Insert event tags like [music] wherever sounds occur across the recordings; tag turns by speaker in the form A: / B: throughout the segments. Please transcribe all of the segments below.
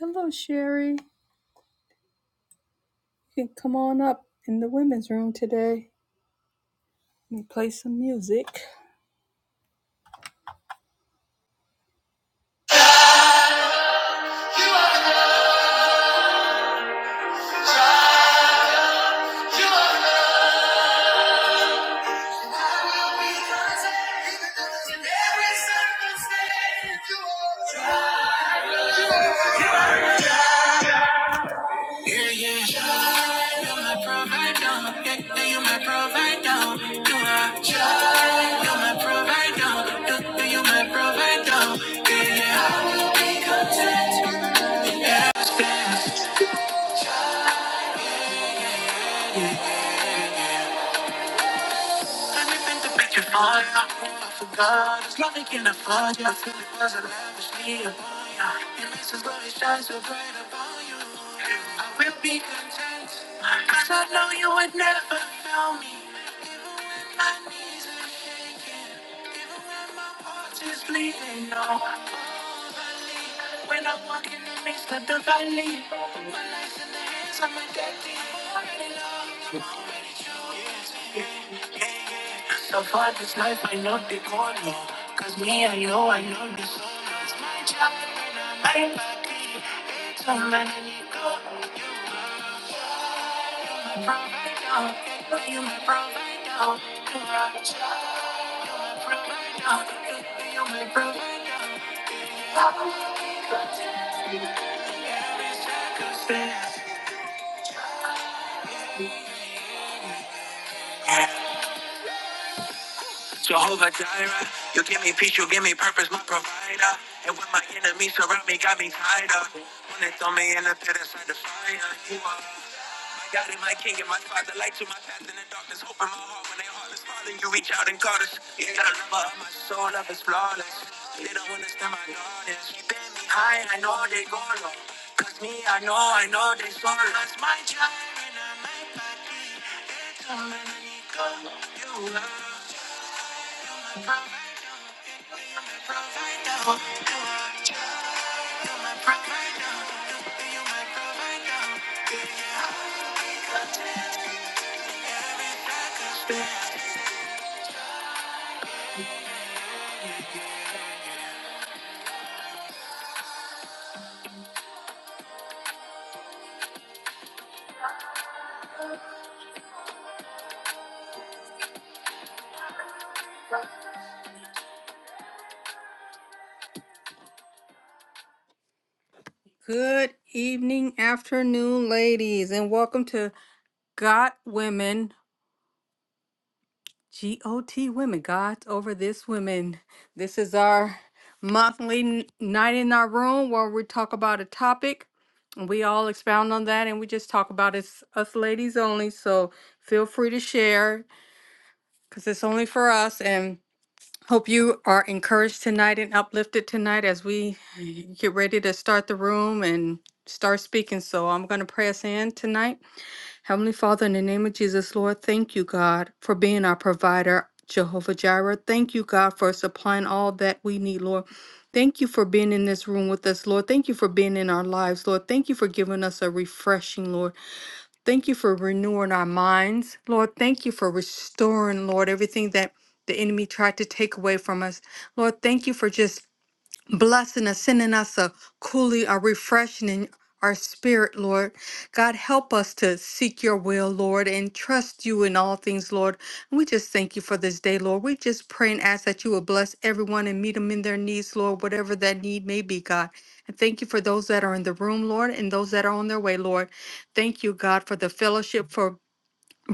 A: Hello, Sherry. You can come on up in the women's room today and play some music. You are enough. You are enough. I will be content in every circumstance. You are- you are- Yeah, yeah. Child, You're my provider. Yeah, yeah, you're my provider. You are- child, You're my provider. Yeah, yeah, you're my provider. Yeah, yeah. Turn it into picture fire. I forgot it's like in a fire. I feel it was a lavishly upon ya. It makes us glory shine so bright upon you. I will be content. Cause I know you would never fail me. My knees and foot is bleeding now. When I walk in the midst of the valley, my legs are my daddy. I'm in love. So far this life I know they call yo. Cause me and you I know the soul. It's my job and I am back here. It's a man and you go provider. You my provider. You are a child provider. You my provider. I will be content. Every circumstance. Jehovah Jireh, you give me peace, you give me purpose, my provider. And when my enemies surround me, got me tied up. When they throw me in the pit inside the fire, you are my God and my King and my Father, light to my darkness, hope in my heart. When they holding you, reach out and call us. You got a lover of my soul is flawless. They don't understand my darkness. Keeping me high, I know they go low. Cause me, I know, I know they sorrow. That's my gentleman, you go, you are my best. Good evening, afternoon, ladies, and welcome to Got Women, G O T Women, God's Over This Women. This is our monthly n- night in our room where we talk about a topic and we all expound on that and we just talk about it, It's us ladies only. So feel free to share because it's only for us. and. Hope you are encouraged tonight and uplifted tonight as we get ready to start the room and start speaking. So I'm going to pray us in tonight. Heavenly Father, in the name of Jesus, Lord, thank you, God, for being our provider, Jehovah Jireh. Thank you, God, for supplying all that we need, Lord. Thank you for being in this room with us, Lord. Thank you for being in our lives, Lord. Thank you for giving us a refreshing, Lord. Thank you for renewing our minds. Lord, thank you for restoring, Lord, everything that the enemy tried to take away from us. Lord, thank you for just blessing and sending us a cooling, a refreshing in our spirit, Lord. God, help us to seek your will, Lord, and trust you in all things, Lord. And we just thank you for this day, Lord. We just pray and ask that you will bless everyone and meet them in their needs, Lord, whatever that need may be, God. And thank you for those that are in the room, Lord, and those that are on their way, Lord. Thank you, God, for the fellowship, for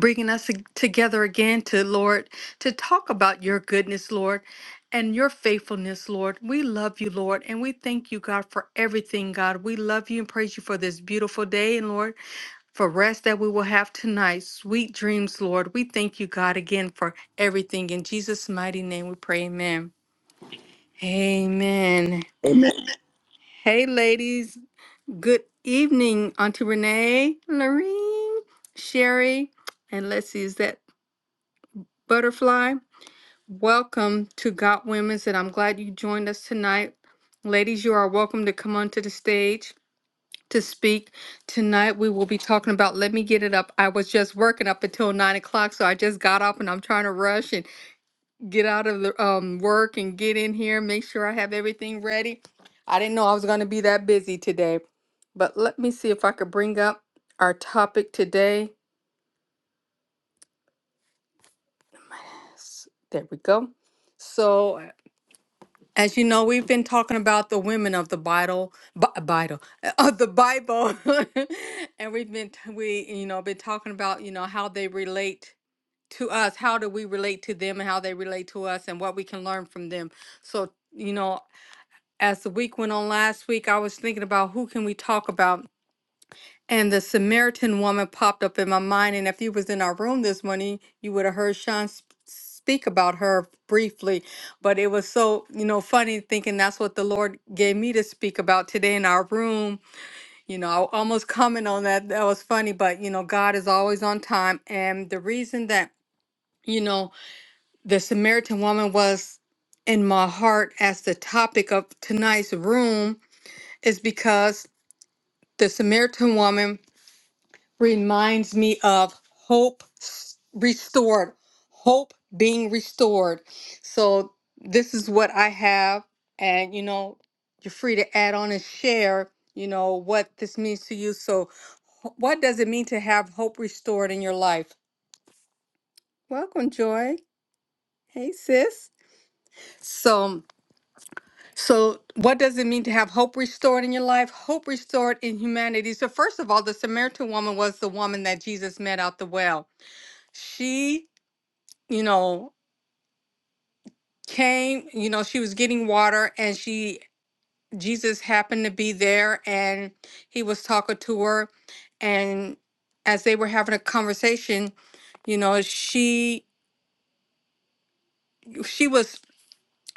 A: bringing us ag- together again to Lord to talk about your goodness, Lord, and your faithfulness, Lord. We love you, Lord, and we thank you, God, for everything, God. We love you and praise you for this beautiful day and Lord, for rest that we will have tonight. Sweet dreams, Lord. We thank you, God, again for everything. In Jesus' mighty name we pray. Amen. Amen.
B: Amen.
A: Hey ladies, good evening, Auntie Renee, Lorene, Sherry, and let's see, is that butterfly? Welcome to Got Women's, and I'm glad you joined us tonight. Ladies, you are welcome to come onto the stage to speak. Tonight, we will be talking about Let Me Get It Up. I was just working up until nine o'clock, so I just got up and I'm trying to rush and get out of the um, work and get in here, make sure I have everything ready. I didn't know I was going to be that busy today, but let me see if I could bring up our topic today. S- There we go. So, As you know, we've been talking about the women of the Bible, Bi- Bible [laughs] of the Bible, [laughs] and we've been t- we you know been talking about you know how they relate to us, how do we relate to them, and how they relate to us, and what we can learn from them. So you know, as the week went on last week, I was thinking about who can we talk about and the Samaritan woman popped up in my mind. And if you was in our room this morning, you would have heard Sean sp- speak about her briefly. But it was so, you know, funny thinking that's what the Lord gave me to speak about today in our room. You know, I almost [laughs] comment on that. That was funny. But, you know, God is always on time. And the reason that, you know, the Samaritan woman was in my heart as the topic of tonight's room is because the Samaritan woman reminds me of hope s- restored, hope being restored. So this is what I have, and you know, you're free to add on and share, you know, what this means to you. So, wh- what does it mean to have hope restored in your life? Welcome, Joy. Hey, sis. So, so what does it mean to have hope restored in your life? Hope restored in humanity. So, first of all, the Samaritan woman was the woman that Jesus met out the well. She you know, came, you know, she was getting water and she, Jesus happened to be there and he was talking to her. And as they were having a conversation, you know, she, she was,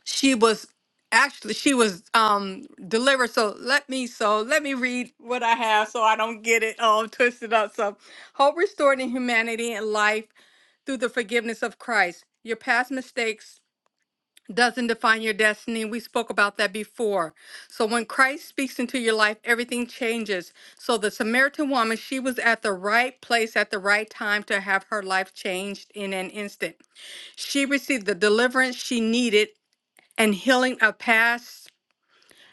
A: she was actually, she was um delivered. So let me, so let me read what I have so I don't get it all twisted up. So hope restored in humanity and life through the forgiveness of Christ. Your past mistakes doesn't define your destiny. We spoke about that before. So when Christ speaks into your life, everything changes. So the Samaritan woman, she was at the right place at the right time to have her life changed in an instant. She received the deliverance she needed and healing of past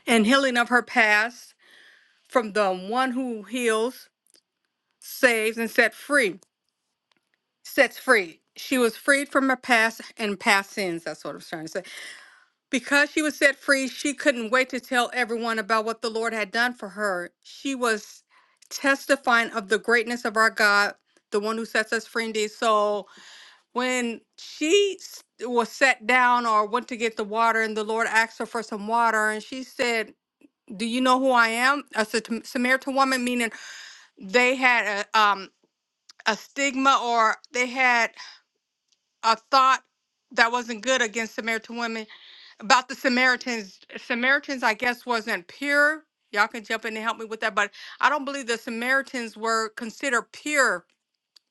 A: and healing of her past from the one who heals, saves, and set free. Sets free. She was freed from her past and past sins. That's what I'm trying to say. Because she was set free, she couldn't wait to tell everyone about what the Lord had done for her. She was testifying of the greatness of our God, the one who sets us free indeed. So when she s- was set down or went to get the water, and the Lord asked her for some water, and she said, Do you know who I am? A Sat- Samaritan woman, meaning they had a, um, a stigma or they had a thought that wasn't good against Samaritan women about the Samaritans. Samaritans, I guess, wasn't pure. Y'all can jump in and help me with that, but I don't believe the Samaritans were considered pure,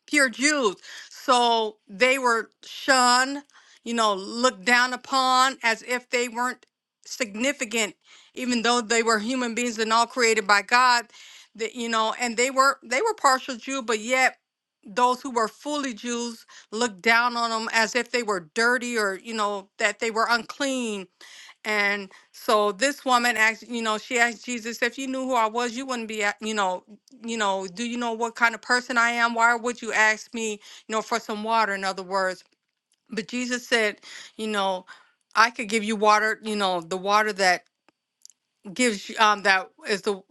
A: pure Jews. So they were shunned, you know, looked down upon as if they weren't significant, even though they were human beings and all created by God. That you know, and they were they were partial Jew, but yet those who were fully Jews looked down on them as if they were dirty or, you know, that they were unclean. And so this woman asked, you know, she asked Jesus, if you knew who I was, you wouldn't be, a- you know, you know, do you know what kind of person I am? Why would you ask me, you know, for some water, in other words? But Jesus said, you know, I could give you water, you know, the water that gives you- um that is the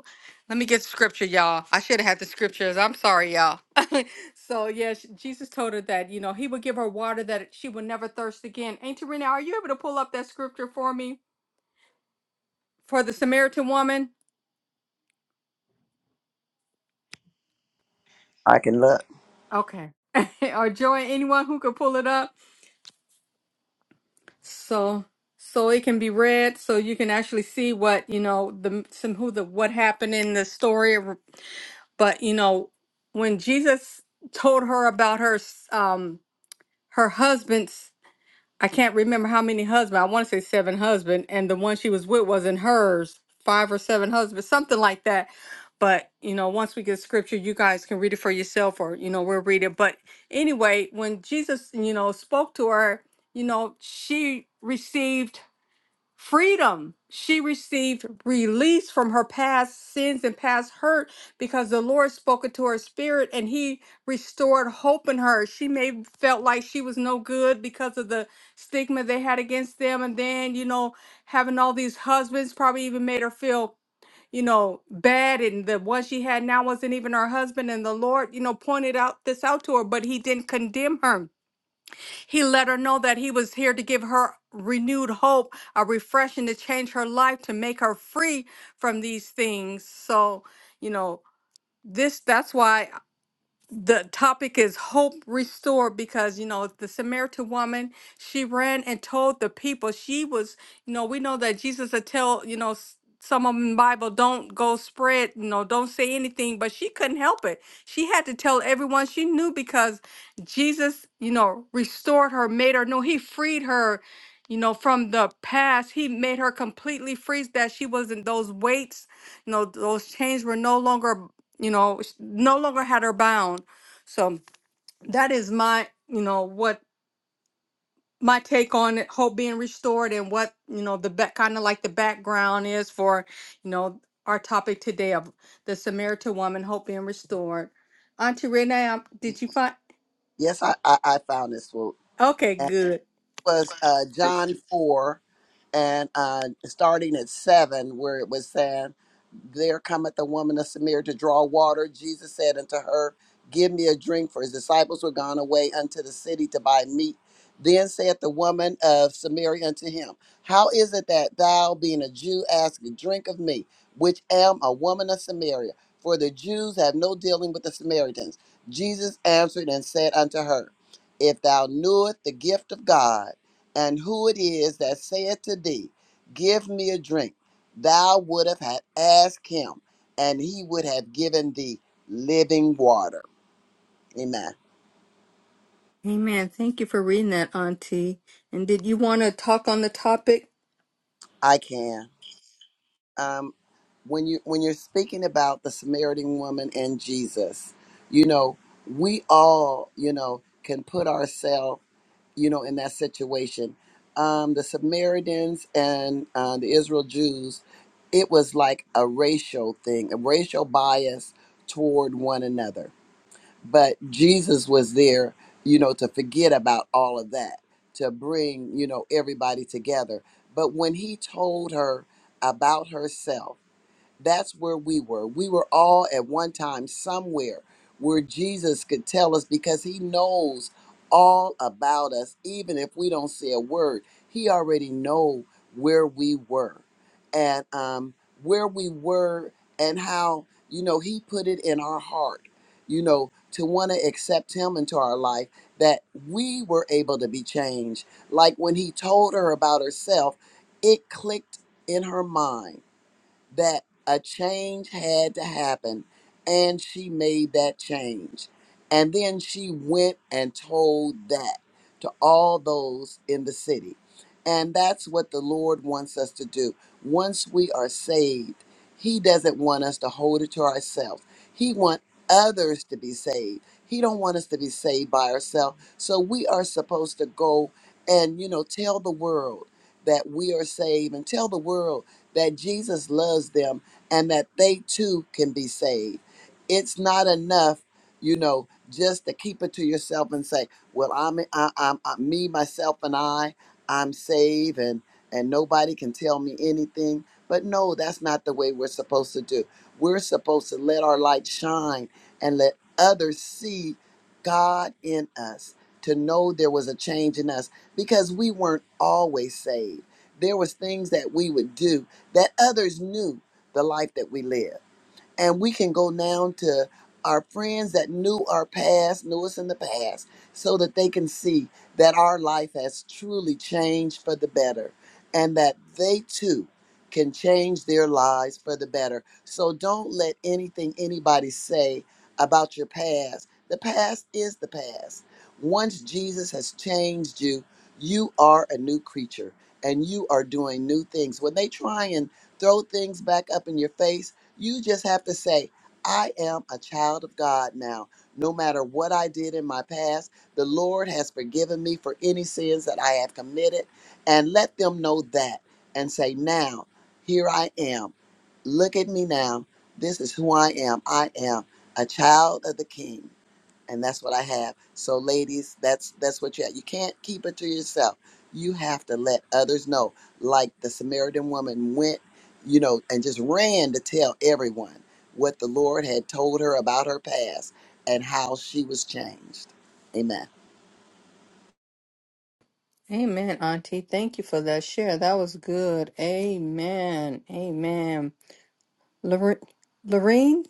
A: let me get scripture y'all i should have had the scriptures i'm sorry y'all [laughs] so yeah sh- jesus told her that you know he would give her water that she would never thirst again ain't Tarina, are you able to pull up that scripture for me for the samaritan woman
B: I can look.
A: okay [laughs] or joy anyone who could pull it up so so it can be read so you can actually see what you know the some who the what happened in the story but you know when jesus told her about her s- um her husband's I can't remember how many husbands. I want to say seven husband, and the one she was with wasn't hers. Five or seven husbands, something like that. But you know, once we get scripture, you guys can read it for yourself, or you know, we'll read it. But anyway, when Jesus, you know, spoke to her, you know, she received freedom. She received release from her past sins and past hurt because the Lord spoke into her spirit and he restored hope in her. She may felt like she was no good because of the stigma they had against them and then, you know, having all these husbands probably even made her feel you know, bad and the one she had now wasn't even her husband and the Lord, you know, pointed out this out to her, but he didn't condemn her he let her know that he was here to give her renewed hope, a refreshing to change her life, to make her free from these things. So, you know, this that's why the topic is hope restored because you know the samaritan woman she ran and told the people she was you know we know that jesus would tell you know s- some of them in the bible don't go spread you know don't say anything but she couldn't help it she had to tell everyone she knew because jesus you know restored her made her know he freed her you know from the past he made her completely free that she wasn't those weights you know those chains were no longer you know sh- no longer had her bound so that is my, you know, what my take on it, hope being restored and what, you know, the back kind of like the background is for, you know, our topic today of the Samaritan woman, hope being restored. Auntie Renee, um, did you find?
B: Yes, I, I, I found this one.
A: Okay,
B: And
A: good.
B: it was uh, John 4 and uh, starting at seven, where it was saying, There cometh the woman of Samaria to draw water. Jesus said unto her, Give me a drink, for his disciples were gone away unto the city to buy meat. Then saith the woman of Samaria unto him, How is it that thou, being a Jew, ask a drink of me, which am a woman of Samaria? For the Jews have no dealing with the Samaritans. Jesus answered and said unto her, If thou knewest the gift of God, and who it is that saith to thee, Give me a drink, thou would have had asked him, and he would have given thee living water. Amen.
A: Amen. Thank you for reading that, Auntie. And did you want to talk on the topic?
B: I can. Um, when you when you're speaking about the Samaritan woman and Jesus, you know, we all, you know, can put ourselves you know, in that situation. Um, the Samaritans and uh, the Israel Jews, it was like a racial thing, a racial bias toward one another. But Jesus was there, you know, to forget about all of that, to bring, you know, everybody together. But when he told her about herself, that's where we were. We were all at one time somewhere where Jesus could tell us because he knows all about us even if we don't say a word. He already know where we were and um where we were and how you know he put it in our heart you know to want to accept him into our life that we were able to be changed like when he told her about herself it clicked in her mind that a change had to happen, and she made that change. And then she went and told that to all those in the city. And that's what the Lord wants us to do. Once we are saved, He doesn't want us to hold it to ourselves. He wants others to be saved. He don't want us to be saved by ourselves. So we are supposed to go and you know tell the world that we are saved and tell the world that Jesus loves them and that they too can be saved. It's not enough, you know, just to keep it to yourself and say, "Well, I'm I, I'm, I'm me, myself, and I. I'm saved, and and nobody can tell me anything." But no, that's not the way we're supposed to do. We're supposed to let our light shine and let others see God in us to know there was a change in us because we weren't always saved. There was things that we would do that others knew the life that we live and we can go down to our friends that knew our past, knew us in the past, so that they can see that our life has truly changed for the better and that they too can change their lives for the better. So don't let anything anybody say about your past. The past is the past. Once Jesus has changed you, you are a new creature and you are doing new things. When they try and throw things back up in your face, you just have to say, I am a child of God now. No matter what I did in my past, the Lord has forgiven me for any sins that I have committed. And let them know that and say, Now, here I am. Look at me now. This is who I am. I am a child of the King and that's what I have. So, ladies, that's that's what you have. You can't keep it to yourself. You have to let others know. Like the Samaritan woman went, you know, and just ran to tell everyone what the Lord had told her about her past and how she was changed. Amen.
A: Amen, Auntie. Thank you for that share. That was good. Amen. Amen. Lorraine?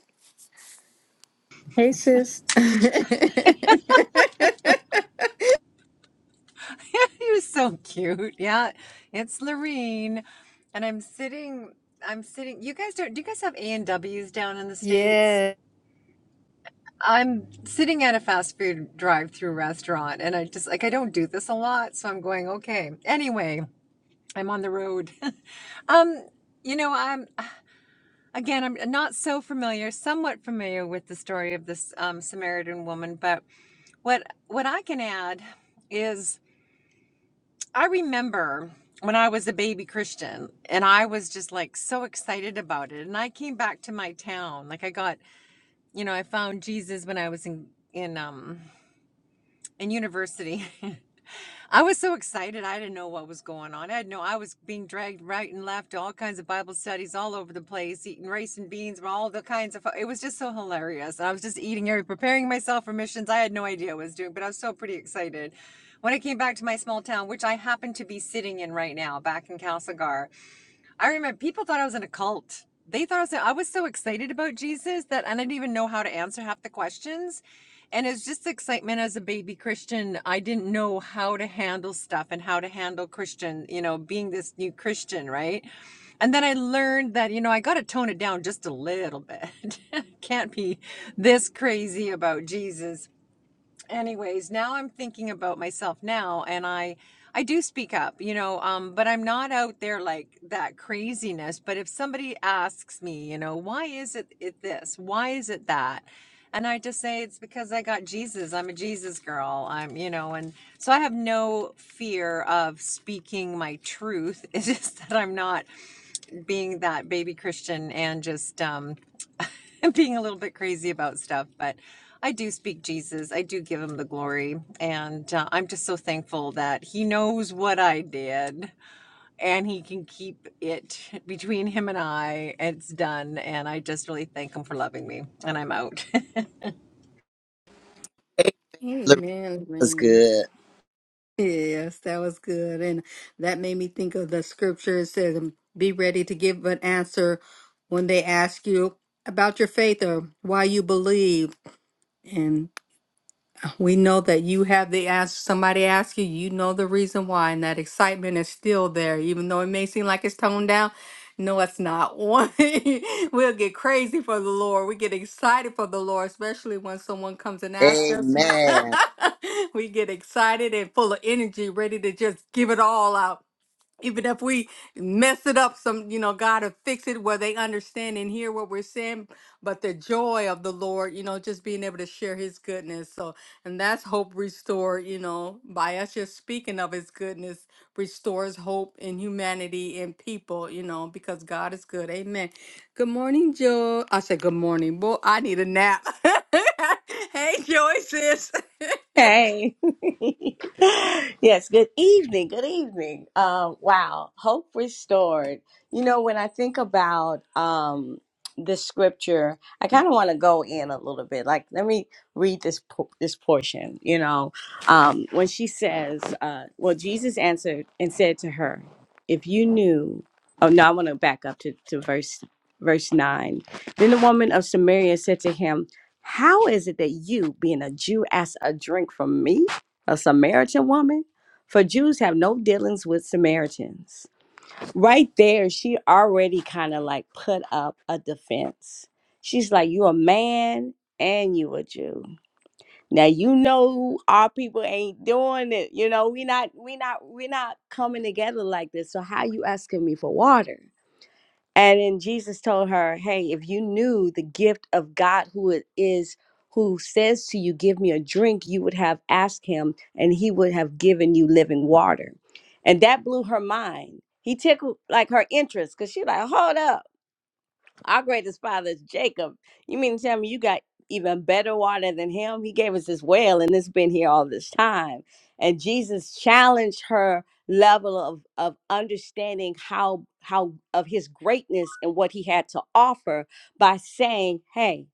A: Hey, sis. [laughs]
C: [laughs] he was so cute. Yeah, it's Lorene, and I'm sitting. I'm sitting. You guys don't. Do you guys have A and W's down in the states?
A: yeah.
C: I'm sitting at a fast food drive-through restaurant, and I just like I don't do this a lot, so I'm going okay. Anyway, I'm on the road. [laughs] um, you know, I'm again. I'm not so familiar, somewhat familiar with the story of this um, Samaritan woman, but what what I can add is I remember when I was a baby Christian and I was just like so excited about it. And I came back to my town. Like I got, you know, I found Jesus when I was in in um in university. [laughs] I was so excited. I didn't know what was going on. I had no, I was being dragged right and left to all kinds of Bible studies all over the place, eating rice and beans, all the kinds of, it was just so hilarious. And I was just eating every, preparing myself for missions. I had no idea what I was doing, but I was so pretty excited. When I came back to my small town, which I happen to be sitting in right now, back in Castlegar, I remember people thought I was in a cult. They thought I was, I was so excited about Jesus that I didn't even know how to answer half the questions. And it's just excitement as a baby Christian. I didn't know how to handle stuff and how to handle Christian, you know, being this new Christian, right? And then I learned that, you know, I got to tone it down just a little bit. [laughs] Can't be this crazy about Jesus anyways now i'm thinking about myself now and i i do speak up you know um but i'm not out there like that craziness but if somebody asks me you know why is it, it this why is it that and i just say it's because i got jesus i'm a jesus girl i'm you know and so i have no fear of speaking my truth [laughs] it's just that i'm not being that baby christian and just um [laughs] i being a little bit crazy about stuff, but I do speak Jesus. I do give him the glory. And uh, I'm just so thankful that he knows what I did and he can keep it between him and I. It's done. And I just really thank him for loving me. And I'm out. [laughs] that
B: Amen. Loretta
A: Amen.
B: was
A: Rain.
B: good.
A: Yes, that was good. And that made me think of the scripture. It says, um, Be ready to give an answer when they ask you about your faith or why you believe. We know that you have the answer. Somebody asked you, you know the reason why, and that excitement is still there, even though it may seem like it's toned down. No, it's not. [laughs] One, we'll get crazy for the Lord. We get excited for the Lord, especially when someone comes and asks us.
B: Amen.
A: [laughs] we get excited and full of energy, ready to just give it all out even if we mess it up some you know god will fix it where they understand and hear what we're saying but the joy of the lord you know just being able to share his goodness so and that's hope restored you know by us just speaking of his goodness restores hope in humanity and people you know because god is good amen good morning joe i said good morning boy i need a nap [laughs] hey joy sis [laughs]
D: Hey. [laughs] yes, good evening. Good evening. Um, wow. Hope restored. You know, when I think about um this scripture, I kind of want to go in a little bit. Like, let me read this po- this portion, you know. Um, when she says, uh, well, Jesus answered and said to her, if you knew oh no, I want to back up to, to verse verse nine. Then the woman of Samaria said to him, how is it that you, being a Jew, ask a drink from me, a Samaritan woman? For Jews have no dealings with Samaritans. Right there, she already kind of like put up a defense. She's like, You a man and you a Jew. Now you know our people ain't doing it. You know, we not we not we not coming together like this. So how you asking me for water? And then Jesus told her, Hey, if you knew the gift of God who it is who says to you, 'Give me a drink, you would have asked him, and he would have given you living water. And that blew her mind. He tickled like her interest because she like, hold up. Our greatest father is Jacob. You mean to tell me you got even better water than him? He gave us this well, and it's been here all this time. And Jesus challenged her level of, of understanding how how of his greatness and what he had to offer by saying, Hey,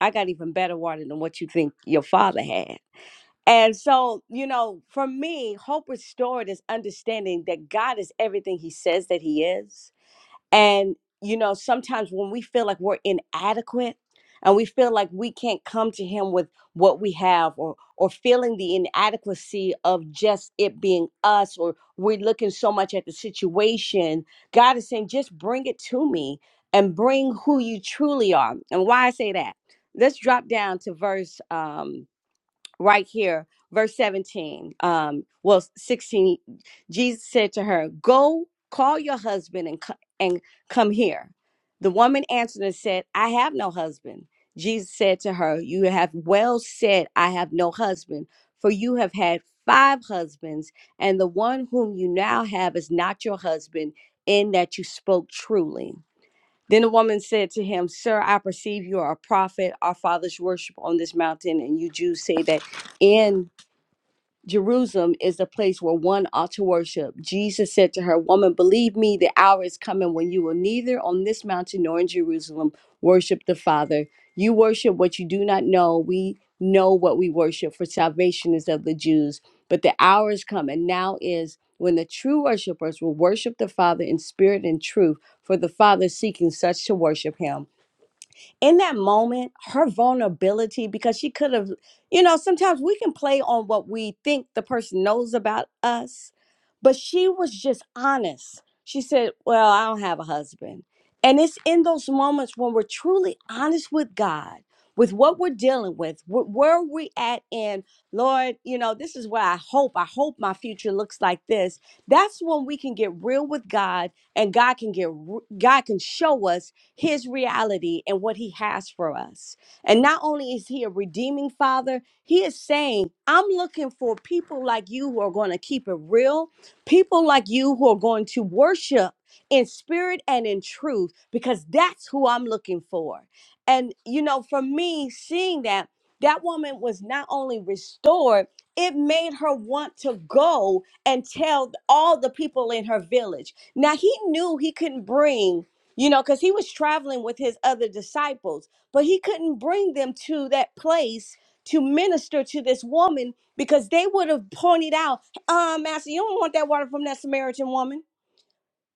D: I got even better water than what you think your father had. And so, you know, for me, hope restored is understanding that God is everything he says that he is and, you know, sometimes when we feel like we're inadequate and we feel like we can't come to Him with what we have or, or feeling the inadequacy of just it being us or we're looking so much at the situation, God is saying, just bring it to me and bring who you truly are. And why I say that, let's drop down to verse. Um, right here, verse 17, um, well, 16, Jesus said to her, Go call your husband and, co- and come here. The woman answered and said, I have no husband. Jesus said to her, You have well said, I have no husband, for you have had five husbands, and the one whom you now have is not your husband, in that you spoke truly. Then the woman said to him, Sir, I perceive you are a prophet. Our fathers worship on this mountain, and you Jews say that in Jerusalem is the place where one ought to worship. Jesus said to her, Woman, believe me, the hour is coming when you will neither on this mountain nor in Jerusalem worship the Father. You worship what you do not know. We know what we worship, for salvation is of the Jews. But the hour is coming, now is when the true worshipers will worship the Father in spirit and truth, for the Father is seeking such to worship him in that moment, her vulnerability, because she could have, you know, sometimes we can play on what we think the person knows about us, but she was just honest. She said, Well, I don't have a husband. And it's in those moments when we're truly honest with God, with what we're dealing with, wh- where we at in, Lord, you know, this is where I hope. I hope my future looks like this. That's when we can get real with God and God can get r- God can show us his reality and what he has for us. And not only is he a redeeming father, he is saying, I'm looking for people like you who are going to keep it real, people like you who are going to worship in spirit and in truth, because that's who I'm looking for. And, you know, for me, seeing that, that woman was not only restored, it made her want to go and tell all the people in her village. Now, he knew he couldn't bring you know, because he was traveling with his other disciples, but he couldn't bring them to that place to minister to this woman because they would have pointed out, uh, Master, you don't want that water from that Samaritan woman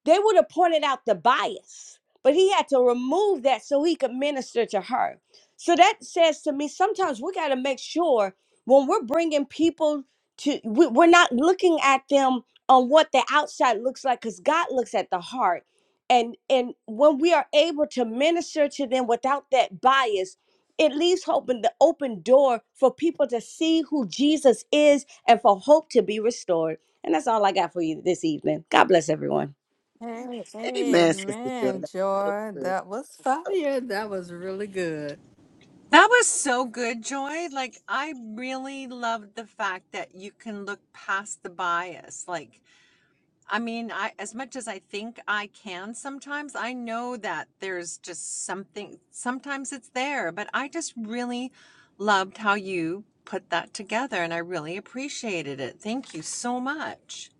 D: they would have pointed out the bias, but he had to remove that so he could minister to her. So that says to me, sometimes we got to make sure when we're bringing people to, we, we're not looking at them on what the outside looks like, because God looks at the heart. And and when we are able to minister to them without that bias, it leaves open the open door for people to see who Jesus is and for hope to be restored. And that's all I got for you this evening. God bless everyone.
A: Hey,
B: Amen, Sister Joy.
A: amen,
B: That's
A: Joy.
B: good.
A: That was fire. That was really good.
C: was so good, Joy. Like, I really loved the fact that you can look past the bias. Like, I mean, I as much as I think I can sometimes, I know that there's just something sometimes it's there, but I just really loved how you put that together and I really appreciated it. Thank you so much.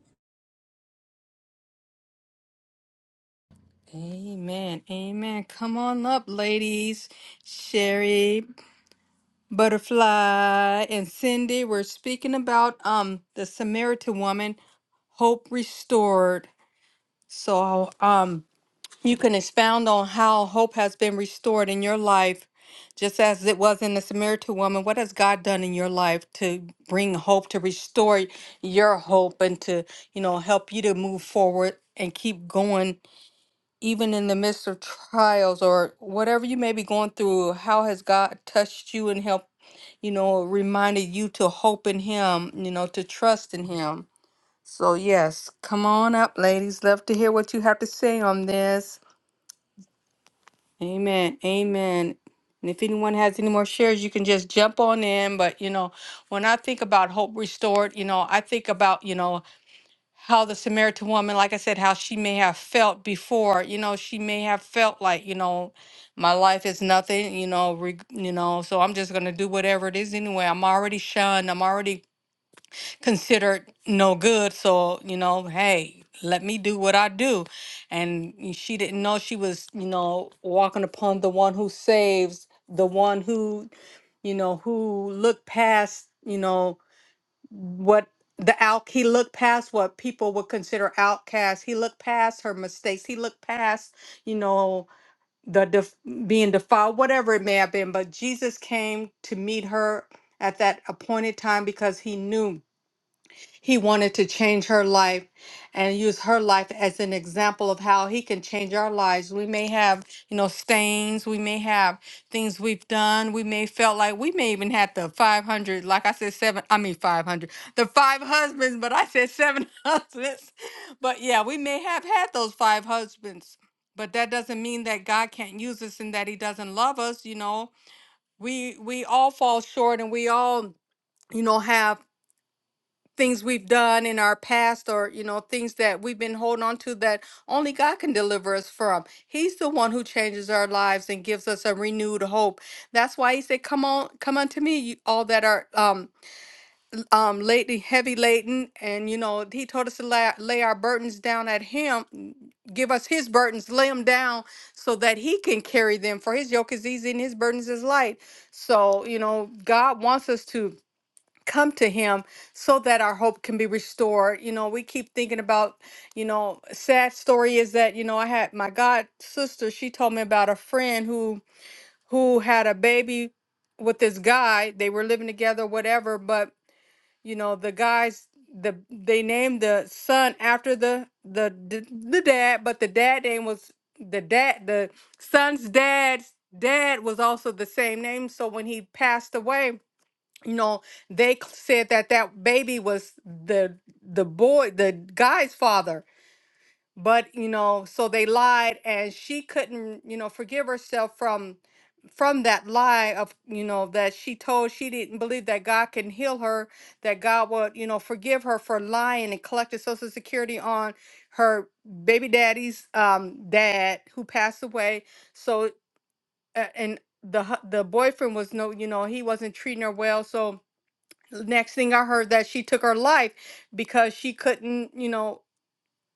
A: Amen. Amen. Come on up, ladies. Sherry, Butterfly, and Cindy. We're speaking about um the Samaritan woman, hope restored. So um You can expound on how hope has been restored in your life, just as it was in the Samaritan woman. What has God done in your life to bring hope, to restore your hope, and to, you know, help you to move forward and keep going, even in the midst of trials or whatever you may be going through? How has God touched you and helped, you know, reminded you to hope in Him, you know, to trust in Him? So, yes, come on up, ladies. Love to hear what you have to say on this. Amen. Amen. And if anyone has any more shares, you can just jump on in. But, you know, when I think about hope restored, you know, I think about, you know, how the Samaritan woman, like I said, how she may have felt before, you know, she may have felt like, you know, my life is nothing, you know, reg- you know, so I'm just going to do whatever it is anyway. I'm already shunned. I'm already considered no good. So, you know, hey, let me do what I do. And she didn't know she was, you know, walking upon the one who saves, the one who, you know, who looked past, you know, what the out he looked past what people would consider outcasts he looked past her mistakes he looked past you know the def- being defiled whatever it may have been but jesus came to meet her at that appointed time because he knew he wanted to change her life and use her life as an example of how he can change our lives. We may have, you know, stains, we may have things we've done, we may felt like we may even had the 500, like I said, seven, I mean 500, the five husbands, but I said seven [laughs] husbands. But yeah, we may have had those five husbands. But that doesn't mean that God can't use us and that he doesn't love us, you know. We we all fall short and we all, you know, have things we've done in our past or you know things that we've been holding on to that only God can deliver us from. He's the one who changes our lives and gives us a renewed hope. That's why he said, "Come on, come unto me, you all that are um um lately heavy laden." And you know, he told us to lay, lay our burdens down at him, give us his burdens, lay them down so that he can carry them. For his yoke is easy and his burdens is light. So, you know, God wants us to come to him so that our hope can be restored you know we keep thinking about you know sad story is that you know i had my god sister she told me about a friend who who had a baby with this guy they were living together whatever but you know the guys the they named the son after the the the, the dad but the dad name was the dad the son's dad's dad was also the same name so when he passed away you know they c- said that that baby was the the boy the guy's father but you know so they lied and she couldn't you know forgive herself from from that lie of you know that she told she didn't believe that god can heal her that god would you know forgive her for lying and collecting social security on her baby daddy's um dad who passed away so uh, and the hu- the boyfriend was no you know he wasn't treating her well so next thing I heard that she took her life because she couldn't, you know,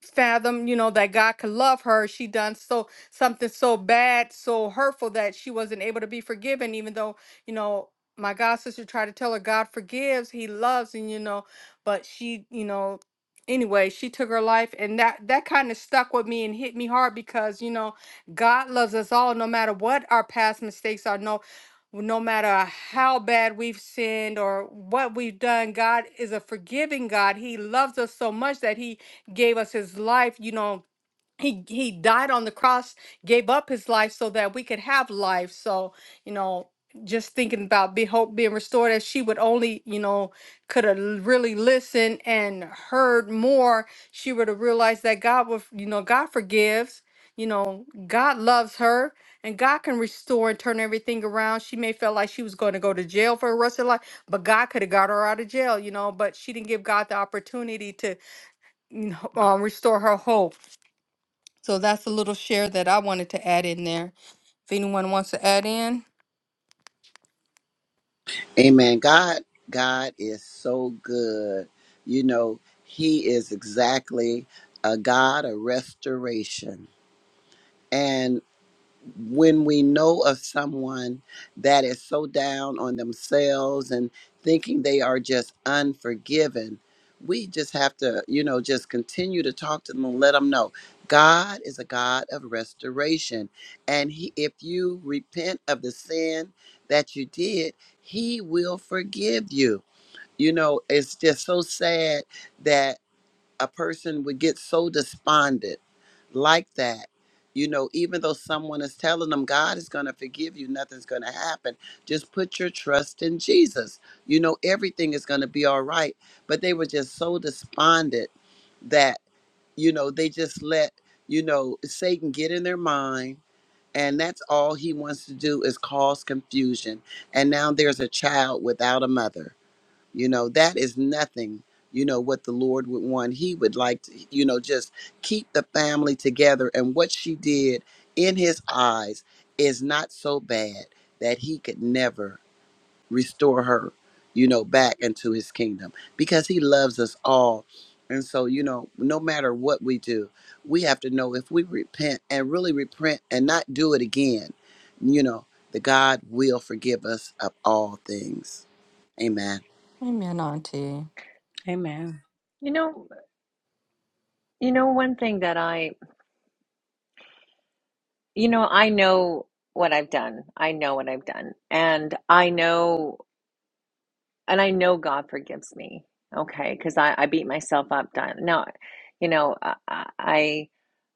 A: fathom, you know, that God could love her. She done so something so bad, so hurtful that she wasn't able to be forgiven, even though, you know, my god sister tried to tell her God forgives, he loves, and you know, but she, you know, anyway, she took her life and that that kind of stuck with me and hit me hard because, you know, God loves us all no matter what our past mistakes are, no no matter how bad we've sinned or what we've done, God is a forgiving God. He loves us so much that he gave us his life, you know, he he died on the cross, gave up his life so that we could have life. So, you know, just thinking about be hope being restored as she would only, you know, could have really listened and heard more, she would have realized that God would, you know, God forgives, you know, God loves her and God can restore and turn everything around. She may feel like she was going to go to jail for the rest of her life, but God could have got her out of jail, you know, but she didn't give God the opportunity to n- uh, [laughs] restore her hope. So that's a little share that I wanted to add in there. If anyone wants to add in.
B: Amen. God, God is so good. You know, He is exactly a God of restoration when we know of someone that is so down on themselves and thinking they are just unforgiven, we just have to, you know, just continue to talk to them and let them know God is a God of restoration. And he, if you repent of the sin that you did, He will forgive you. You know, it's just so sad that a person would get so despondent like that you know even though someone is telling them god is going to forgive you nothing's going to happen just put your trust in jesus you know everything is going to be all right but they were just so despondent that you know they just let you know satan get in their mind and that's all he wants to do is cause confusion and now there's a child without a mother you know, that is nothing, you know, what the Lord would want. He would like to, you know, just keep the family together. And what she did in his eyes is not so bad that he could never restore her, you know, back into his kingdom because he loves us all. And so, you know, no matter what we do, we have to know if we repent and really repent and not do it again, you know, the God will forgive us of all things. Amen.
D: Amen.
C: You know, you know, one thing that I, you know, I know what I've done. I know what I've done. And I know, and I know God forgives me. Okay. Cause I, I beat myself up. Done. Now, you know, I, I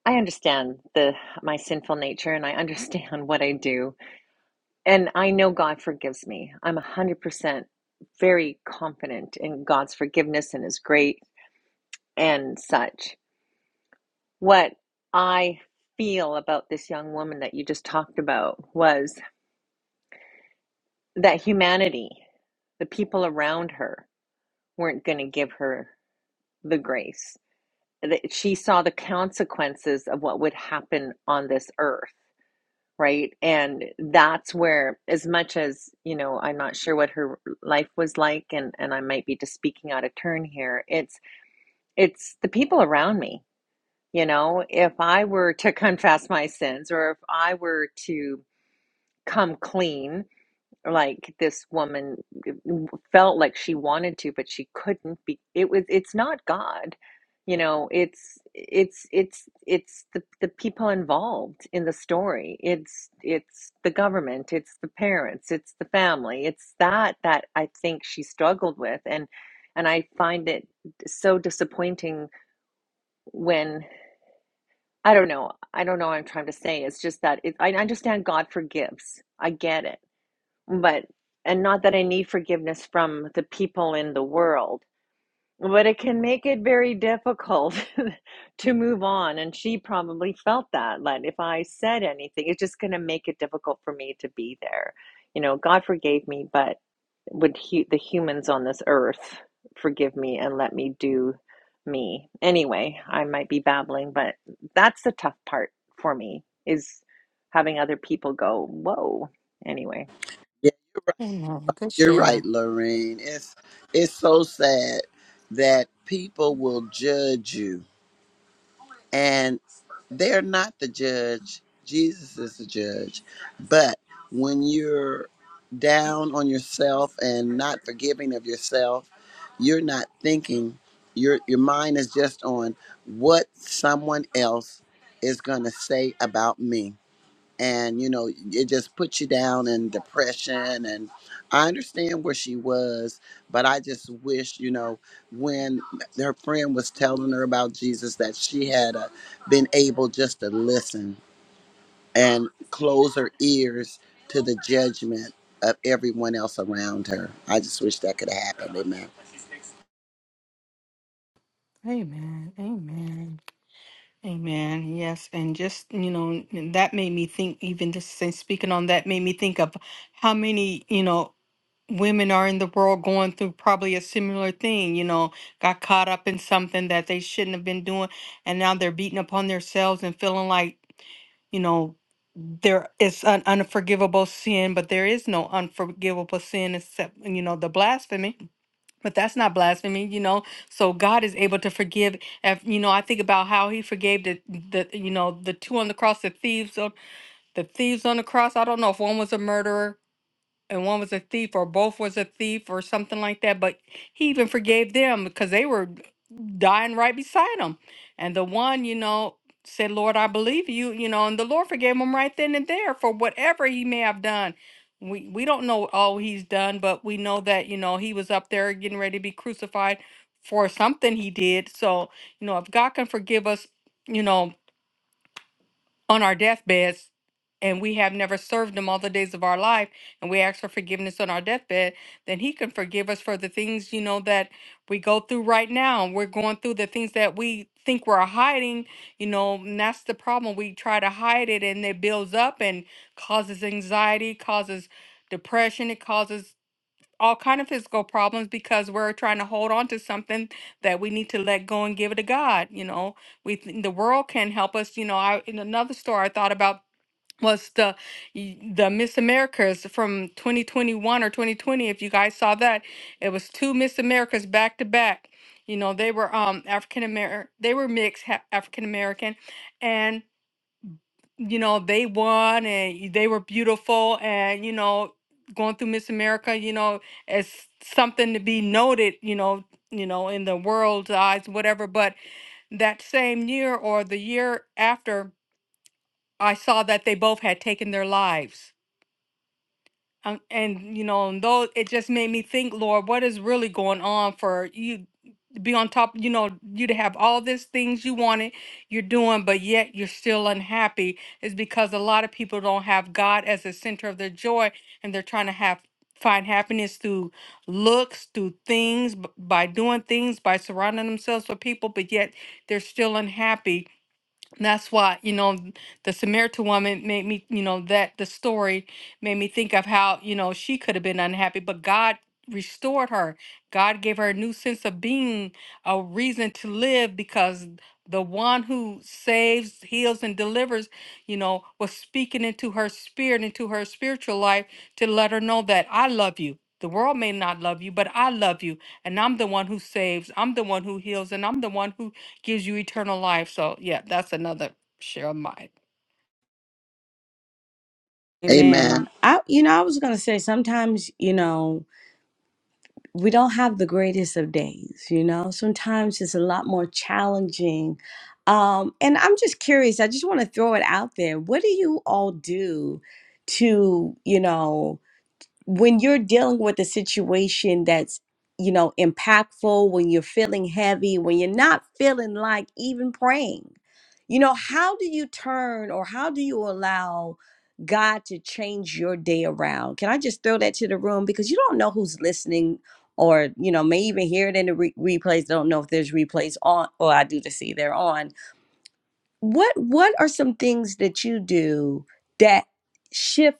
C: I understand the my sinful nature and I understand [laughs] what I do and I know God forgives me. I'm 100% very confident in God's forgiveness and his grace, and such. What I feel about this young woman that you just talked about was that humanity, the people around her weren't going to give her the grace. That she saw the consequences of what would happen on this earth right? And that's where, as much as, you know, I'm not sure what her life was like, and and I might be just speaking out of turn here, it's it's the people around me. You know, if I were to [laughs] confess my sins or if I were to come clean, like this woman felt like she wanted to but she couldn't be it was it's not god you know it's it's it's it's the, the people involved in the story it's it's the government it's the parents it's the family it's that that i think she struggled with and and i find it so disappointing when i don't know i don't know what i'm trying to say it's just that it, i understand god forgives i get it but and not that I need forgiveness from the people in the world, but it can make it very difficult [laughs] to move on. And she probably felt that, like if I said anything, it's just going to make it difficult for me to be there. You know, God forgave me, but would hu the humans on this earth forgive me and let me do me? Anyway, I might be babbling, but that's the tough part for me is having other people go, whoa. Anyway.
A: Amen.
B: You're right, Lorraine. It's it's so sad that people will judge you and they're not the judge. Jesus is the judge. But when you're down on yourself and not forgiving of yourself, you're not thinking your your mind is just on what someone else is going to say about me and you know it just puts you down in depression and i understand where she was but i just wish you know when her friend was telling her about jesus that she had uh, been able just to listen and close her ears to the judgment of everyone else around her i just wish that could happen amen
A: Amen. Amen. Amen. Yes. And just, you know, and that made me think, even just say- speaking on that, made me think of how many, you know, women are in the world going through probably a similar thing, you know, got caught up in something that they shouldn't have been doing and now they're beating upon themselves and feeling like, you know, there is an unforgivable sin, but there is no unforgivable sin except, you know, the blasphemy. But that's not blasphemy, you know. So God is able to forgive. If, you know, I think about how He forgave the, the, you know, the two on the cross, the thieves on the thieves on the cross. I don't know if one was a murderer and one was a thief or both was a thief or something like that but he even forgave them because they were dying right beside him and the one you know said lord i believe you you know and the lord forgave him right then and there for whatever he may have done we we don't know all he's done but we know that you know he was up there getting ready to be crucified for something he did so you know if god can forgive us you know on our deathbeds and we have never served him all the days of our life and we ask for forgiveness on our deathbed then he can forgive us for the things you know that we go through right now we're going through the things that we think we're hiding you know and that's the problem we try to hide it and it builds up and causes anxiety causes depression it causes all kind of physical problems because we're trying to hold on to something that we need to let go and give it to God. You know, we th- the world can help us. You know, I in another story I thought about was the y- the Miss Americas from 2021 or 2020. If you guys saw that, it was two Miss Americas back to back. You know, they were um African American, they were mixed African American, and you know, they won and they were beautiful and, you know, going through Miss America, you know, as something to be noted, you know, you know, in the world's eyes, whatever. But that same year or the year after, I saw that they both had taken their lives. Um, and you know, and though it just made me think, Lord, what is really going on for you? be on top, you know, you to have all these things you wanted, you're doing, but yet you're still unhappy is because a lot of people don't have God as the center of their joy and they're trying to have find happiness through looks, through things, b- by doing things, by surrounding themselves with people, but yet they're still unhappy that's why, you know, the Samaritan woman made me, you know, that the story made me think of how, you know, she could have been unhappy, but God restored her. God gave her a new sense of being, a reason to live because the one who saves, heals, and delivers, you know, was speaking into her spirit, into her spiritual life to let her know that I love you. The world may not love you, but I love you. And I'm the one who saves, I'm the one who heals, and I'm the one who gives you eternal life. So, yeah, that's another share of mine.
D: Amen.
B: amen
D: I you know, I was gonna say sometimes, you know, we don't have the greatest of days, you know. Sometimes it's a lot more challenging. Um, and I'm just curious, I just want to throw it out there. What do you all do to, you know, when you're dealing with a situation that's you know impactful when you're feeling heavy when you're not feeling like even praying you know how do you turn or how do you allow god to change your day around can i just throw that to the room because you don't know who's listening or you know may even hear it in the re- replays don't know if there's replays on or i do to see they're on what what are some things that you do that shift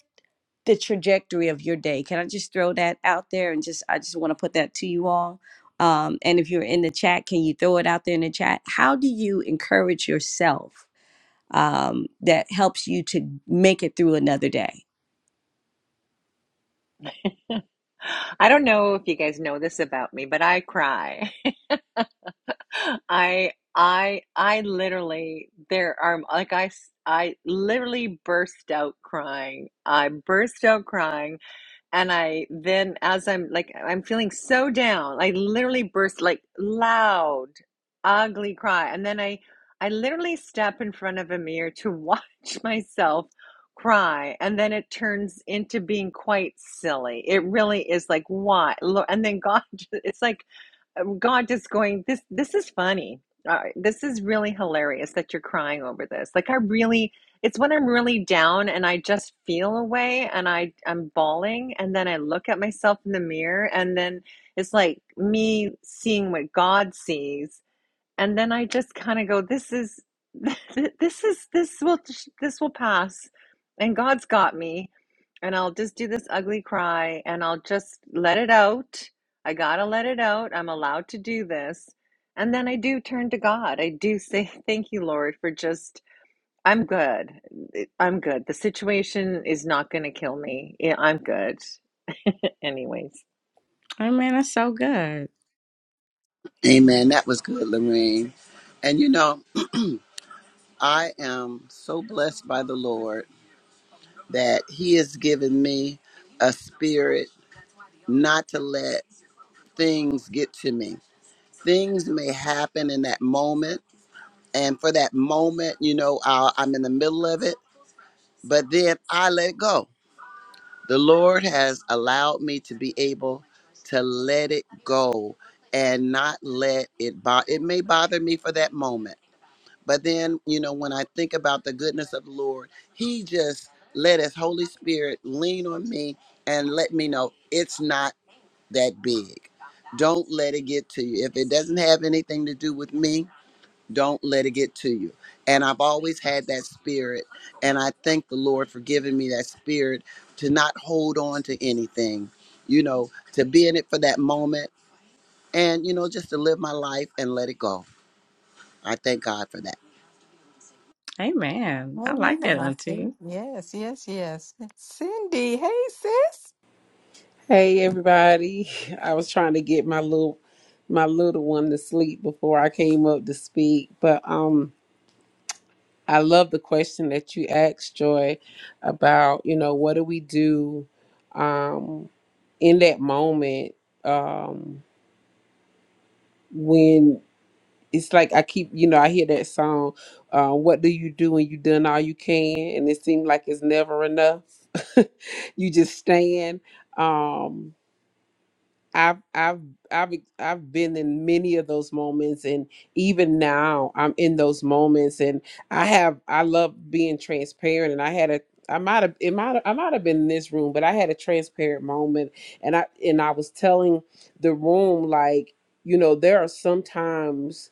D: the trajectory of your day. Can I just throw that out there and just I just want to put that to you all. Um, and if you're in the chat, can you throw it out there in the chat? How do you encourage yourself um, that helps you to make it through another day?
C: [laughs] I don't know if you guys know this about me, but I cry. [laughs] I I I literally there are like I s- I literally burst out crying. I burst out crying and I then, as I'm like, I'm feeling so down, I literally burst like loud, ugly cry. And then I, I literally step in front of a mirror to [laughs] watch myself cry. And then it turns into being quite silly. It really is like, why? And then God, [laughs] it's like, from God just going, this this is funny. Uh, this is really hilarious that you're crying over this. Like I really, it's when I'm really down and I just feel away and I I'm bawling and then I look at myself in the mirror and then it's like me seeing what God sees and then I just kind of go, "This is, [laughs] this is, this will, this will pass, and God's got me, and I'll just do this ugly cry, and I'll just let it out. I gotta let it out. I'm allowed to do this, and then I do turn to God. I do say, [laughs] "Thank you, Lord, for just." I'm good. I'm good. The situation is not going to kill me. Yeah, I'm good. Anyways,
D: Amen. That's so good.
A: Mm.
B: amen that was good lorraine and you know i am so blessed by the lord that He has given me a spirit not to let things get to me. Things may happen in that moment. And for that moment, you know, i I'm in the middle of it, but then I let go. The Lord has allowed me to be able to let it go and not let it bother. It may bother me for that moment But then, you know, when I think about the goodness of the Lord, He just let His Holy Spirit lean on me and let me know it's not that big. Don't let it get to you. If it doesn't have anything to do with me, don't let it get to you. And I've always had that spirit. And I thank the Lord for giving me that spirit to not hold on to anything, you know, to be in it for that moment and, you know, just to live my life and let it go. I thank God for that.
D: Amen. I
A: Amen,
D: like that, Auntie.
A: Auntie. Yes, yes, yes. Cindy, hey, sis.
E: Hey everybody. I was trying to get my little my little one to sleep before I came up to speak, but um I love the question that you asked Joy about, you know, what do we do um in that moment um when it's like I keep, you know, I hear that song, uh, what do you do when you done all you can and it seems like it's never enough. [laughs] you just stand. Um I've I've I've I've been in many of those moments and even now I'm in those moments and I have I love being transparent and I had a I might have it might I might have been in this room but I had a transparent moment and I and I was telling the room like you know there are some times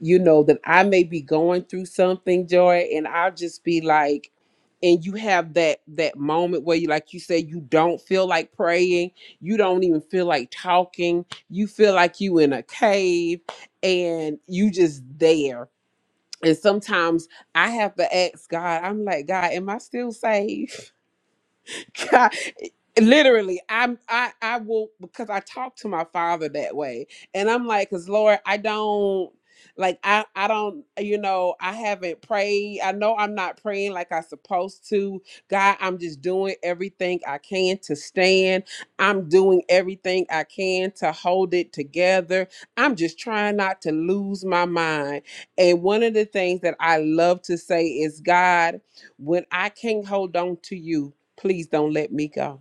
E: you know that I may be going through something joy and I'll just be like and you have that that moment where you like you say you don't feel like praying you don't even feel like talking you feel like you in a cave and you just there and sometimes i have to ask god i'm like god am i still safe [laughs] God, literally i'm i i will because i talk to my father that way and i'm like because lord i don't like i i don't you know i haven't prayed i know i'm not praying like i supposed to god i'm just doing everything i can to stand i'm doing everything i can to hold it together i'm just trying not to lose my mind and one of the things that i love to say is god when i can't hold on to you please don't let me go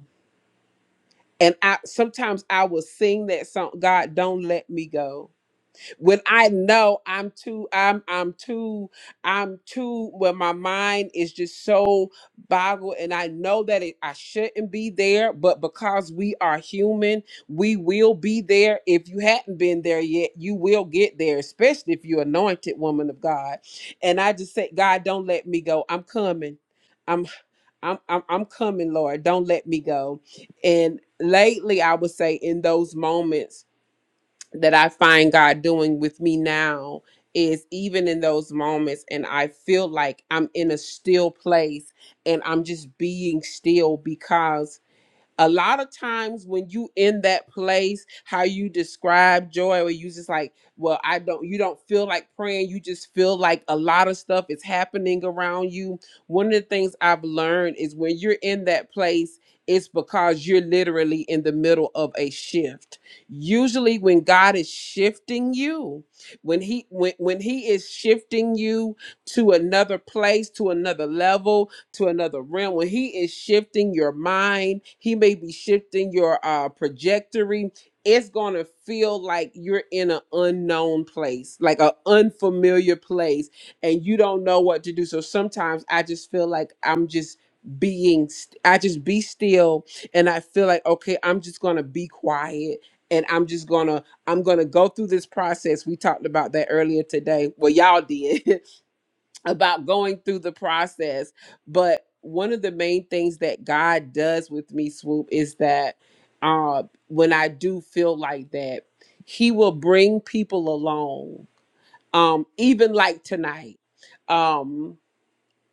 E: and i sometimes i will sing that song god don't let me go when i know i'm too i'm i'm too i'm too when my mind is just so boggled and i know that it, i shouldn't be there but because we are human we will be there if you hadn't been there yet you will get there especially if you're anointed woman of god and i just say god don't let me go i'm coming I'm, I'm I'm coming, Lord. Don't let me go. And lately, I would say in those moments that I find God doing with me now is even in those moments, and I feel like I'm in a still place, and I'm just being still because a lot of times when you in that place how you describe joy or you just like well i don't you don't feel like praying you just feel like a lot of stuff is happening around you one of the things i've learned is when you're in that place it's because you're literally in the middle of a shift usually when god is shifting you when he when, when he is shifting you to another place to another level to another realm. When he is shifting your mind, he may be shifting your uh trajectory. It's gonna feel like you're in an unknown place, like an unfamiliar place, and you don't know what to do. So sometimes I just feel like I'm just being, st- I just be still, and I feel like okay, I'm just gonna be quiet, and I'm just gonna I'm gonna go through this process. We talked about that earlier today. Well, y'all did. [laughs] about going through the process. But one of the main things that God does with me, Swoop, is that uh, when I do feel like that, He will bring people along, um, even like tonight. Um,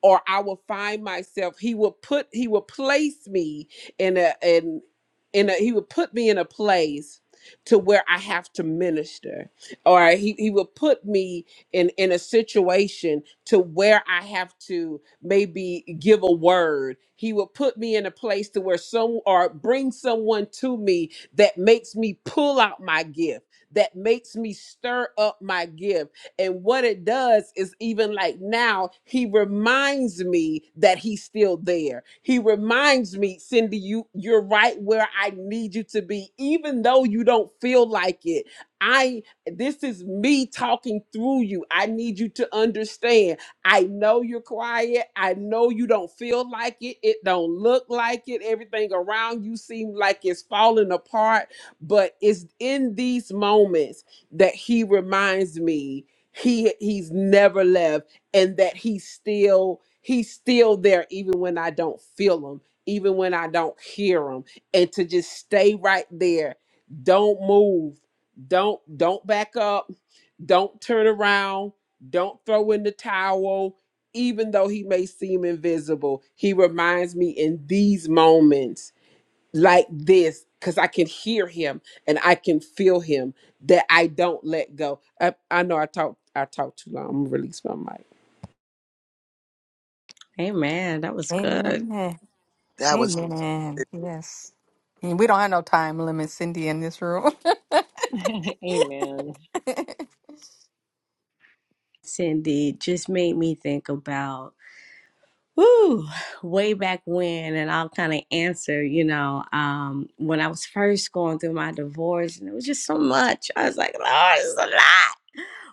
E: or I will find myself. He will put. He will place me in a in in a. He will put me in a place to where I have to minister, or he he will put me in in a situation to where I have to maybe give a word. He will put me in a place to where some or bring someone to me that makes me pull out my gift, that makes me stir up my gift and what it does is even like now, he reminds me that he's still there. He reminds me, Cindy, you you're right where I need you to be, even though you don't feel like it. I this is me talking through you. I need you to understand. I know you're quiet. I know you don't feel like it. It don't look like it. Everything around you seems like it's falling apart. But it's in these moments that he reminds me he he's never left and that he's still he's still there even when i don't feel him even when i don't hear him and to just stay right there don't move don't don't back up don't turn around don't throw in the towel even though he may seem invisible he reminds me in these moments like this because I can hear him and I can feel him that I don't let go. I, I know I talk I talk too long. I'm gonna release my mic.
D: Amen. That was good.
A: Amen.
B: That was,
A: Amen. Yes. And we don't have no time limit, Cindy, in this room.
C: [laughs] amen.
D: Cindy just made me think about Woo, way back when, and I'll kind of answer, you know, um, when I was first going through my divorce, and it was just so much. I was like, Lord, it's a lot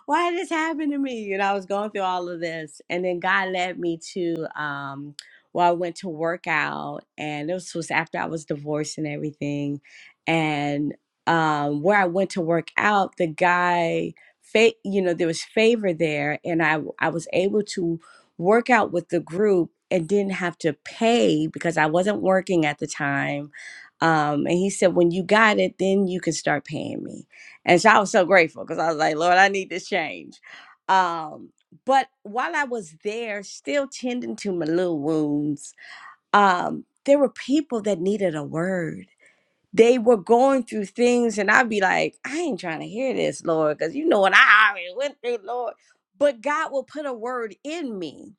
D: why did this happen to me? You know, I was going through all of this. And then God led me to um well, I went to work out and this was after I was divorced and everything. And um where I went to work out, the guy fa- you know, there was favor there and I I was able to work out with the group and didn't have to pay because I wasn't working at the time. Um, and he said, when you got it, then you can start paying me. And so I was so grateful because I was like, Lord, I need this change. Um, but while I was there, still tending to my little wounds, um, there were people that needed a word they were going through things, and I'd be like, I ain't trying to hear this, Lord, because you know what I already went through, Lord. But God will put a word in me,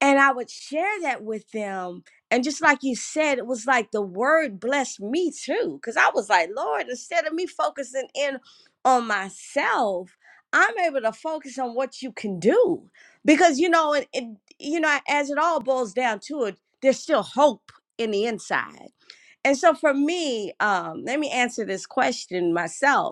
D: and I would share that with them. And just like you said, it was like the word blessed me too, because I was like, Lord, instead of me focusing in on myself, I'm able to focus on what you can do, because you know, it, it you know, as it all boils down to it, there's still hope in the inside and so for me, um, let me answer this question myself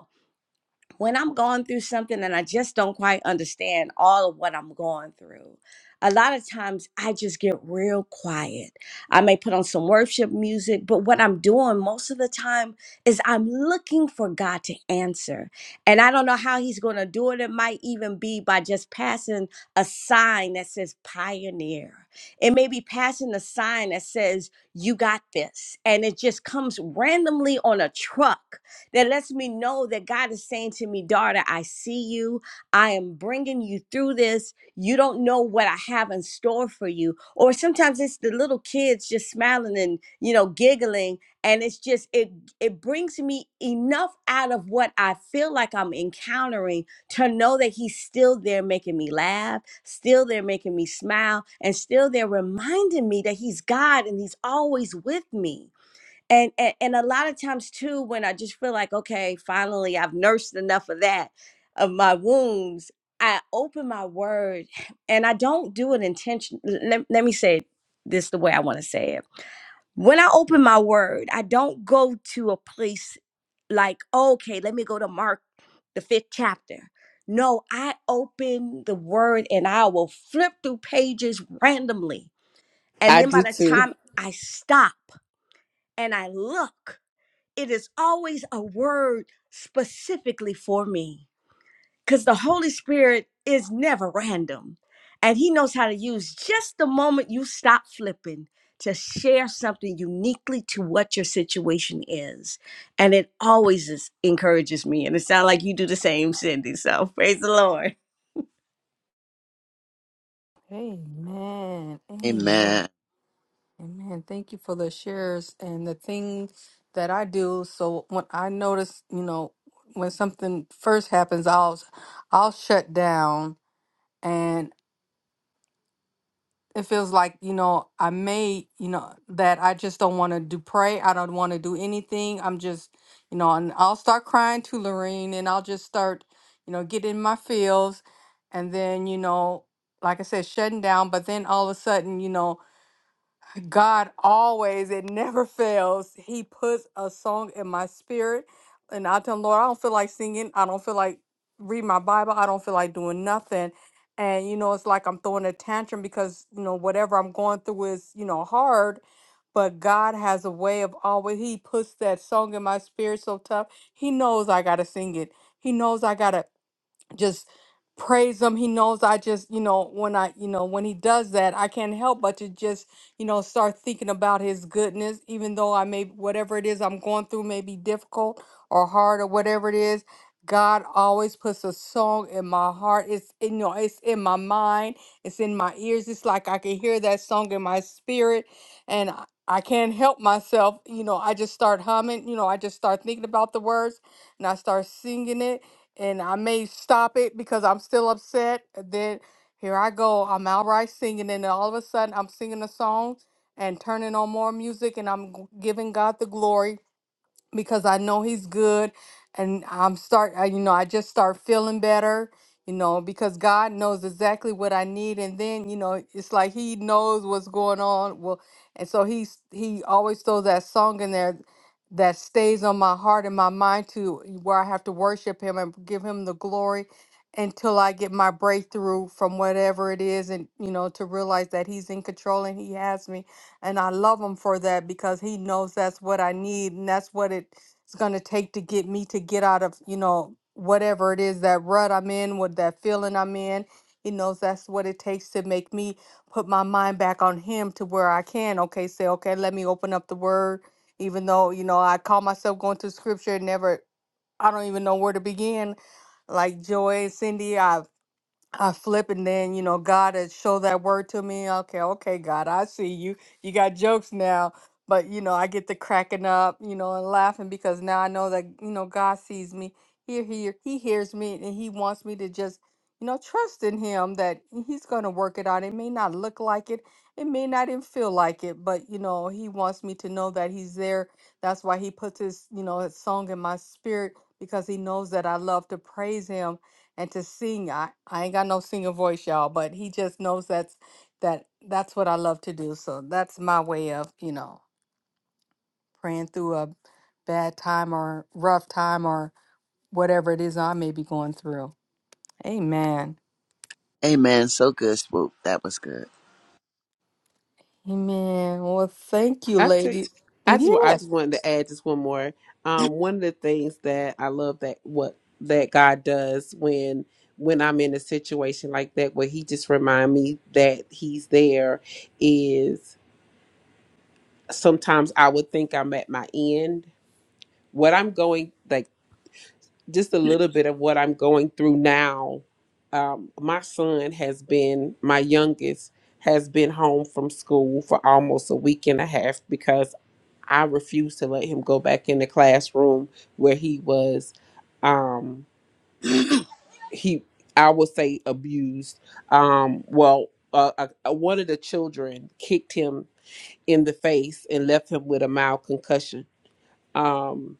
D: when I'm going through something and I just don't quite understand all of what I'm going through, a lot of times I just get real quiet. I may put on some worship music, but what I'm doing most of the time is I'm looking for God to answer. And I don't know how He's going to do it. It might even be by just passing a sign that says pioneer. It may be passing a sign that says, you got this. And it just comes randomly on a truck that lets me know that God is saying to me, daughter, I see you. I am bringing you through this. You don't know what I have in store for you. Or sometimes it's the little kids just smiling and, you know, giggling. And it's just, it, it brings me enough out of what I feel like I'm encountering to know that he's still there making me laugh, still there making me smile, and still there reminding me that he's God and he's always with me and, and and a lot of times too when i just feel like okay finally i've nursed enough of that of my wounds i open my word and i don't do it intention let, let me say it this the way i want to say it when i open my word i don't go to a place like okay let me go to mark the fifth chapter no i open the word and i will flip through pages randomly and
E: I
D: then by
E: do
D: the
E: too.
D: time i stop and i look it is always a word specifically for me because the Holy Spirit is never random and He knows how to use just the moment you stop flipping to share something uniquely to what your situation is. And it always is, encourages me. And it sounds like you do the same, Cindy. So praise the Lord.
A: Amen. Amen.
B: amen.
A: Amen. Thank you for the shares and the things that I do. So when I notice, you know, when something first happens, I'll I'll shut down and it feels like, you know, I may, you know, that I just don't want to do pray. I don't want to do anything. I'm just, you know, and I'll start crying to Lorene and I'll just start, you know, get in my feels and then, you know, like I said, shutting down, but then all of a sudden, you know, God always, it never fails. He puts a song in my spirit. And I tell him, Lord, I don't feel like singing. I don't feel like reading my Bible. I don't feel like doing nothing. And, you know, it's like I'm throwing a tantrum because, you know, whatever I'm going through is, you know, hard. But God has a way of always, He puts that song in my spirit so tough. He knows I got to sing it. He knows I got to just praise him he knows i just you know when i you know when he does that i can't help but to just you know start thinking about his goodness even though i may whatever it is i'm going through may be difficult or hard or whatever it is god always puts a song in my heart it's in, you know it's in my mind it's in my ears it's like i can hear that song in my spirit and i I can't help myself you know i just start humming you know i just start thinking about the words and i start singing it and I may stop it because I'm still upset. and Then here I go. I'm outright singing, and all of a sudden I'm singing a song and turning on more music, and I'm g- giving God the glory because I know he's good and I'm start I- you know I just start feeling better you know because God knows exactly what I need and then you know it's like he knows what's going on well and so he's he always throws that song in there that stays on my heart and my mind to where I have to worship him and give him the glory until I get my breakthrough from whatever it is and you know to realize that he's in control and he has me and I love him for that because he knows that's what I need and that's what it's going to take to get me to get out of, you know, whatever it is that rut I'm in, what that feeling I'm in. He knows that's what it takes to make me put my mind back on him to where I can, okay, say, okay, let me open up the word. Even though, you know, I call myself going to scripture and never, I don't even know where to begin like Joy and Cindy. I I flip and then you know God has show that word to me. Okay, okay, God, I see you. You got jokes now, but you know I get to cracking up, you know, and laughing because now I know that you know God sees me. He hear He hears me, and He wants me to just you know trust in Him that He's going to work it out. It may not look like it, it may not even feel like it, but you know He wants me to know that He's there. That's why He puts His you know His song in my spirit because He knows that I love to praise Him and to sing. I, I ain't got no singer voice, y'all, but he just knows that's that that's what I love to do. So that's my way of, you know, praying through a bad time or rough time or whatever it is I may be going through. Amen.
B: Amen. So good, Swoop. That was good.
A: Amen. Well, thank you,
E: I take.
A: ladies.
E: I just wa- I
A: Yes.
E: just wanted to add just one more. Um, one of the things that I love that what that God does when when I'm in a situation like that where He just remind me that He's there is sometimes I would think I'm at my end. What I'm going like just a little bit of what I'm going through now. Um, my son has been, my youngest has been home from school for almost a week and a half because I refused to let him go back in the classroom where he was, um, he, I would say abused. Um, well, uh, uh, uh, one of the children kicked him in the face and left him with a mild concussion. Um,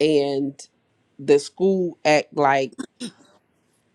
E: and the school act like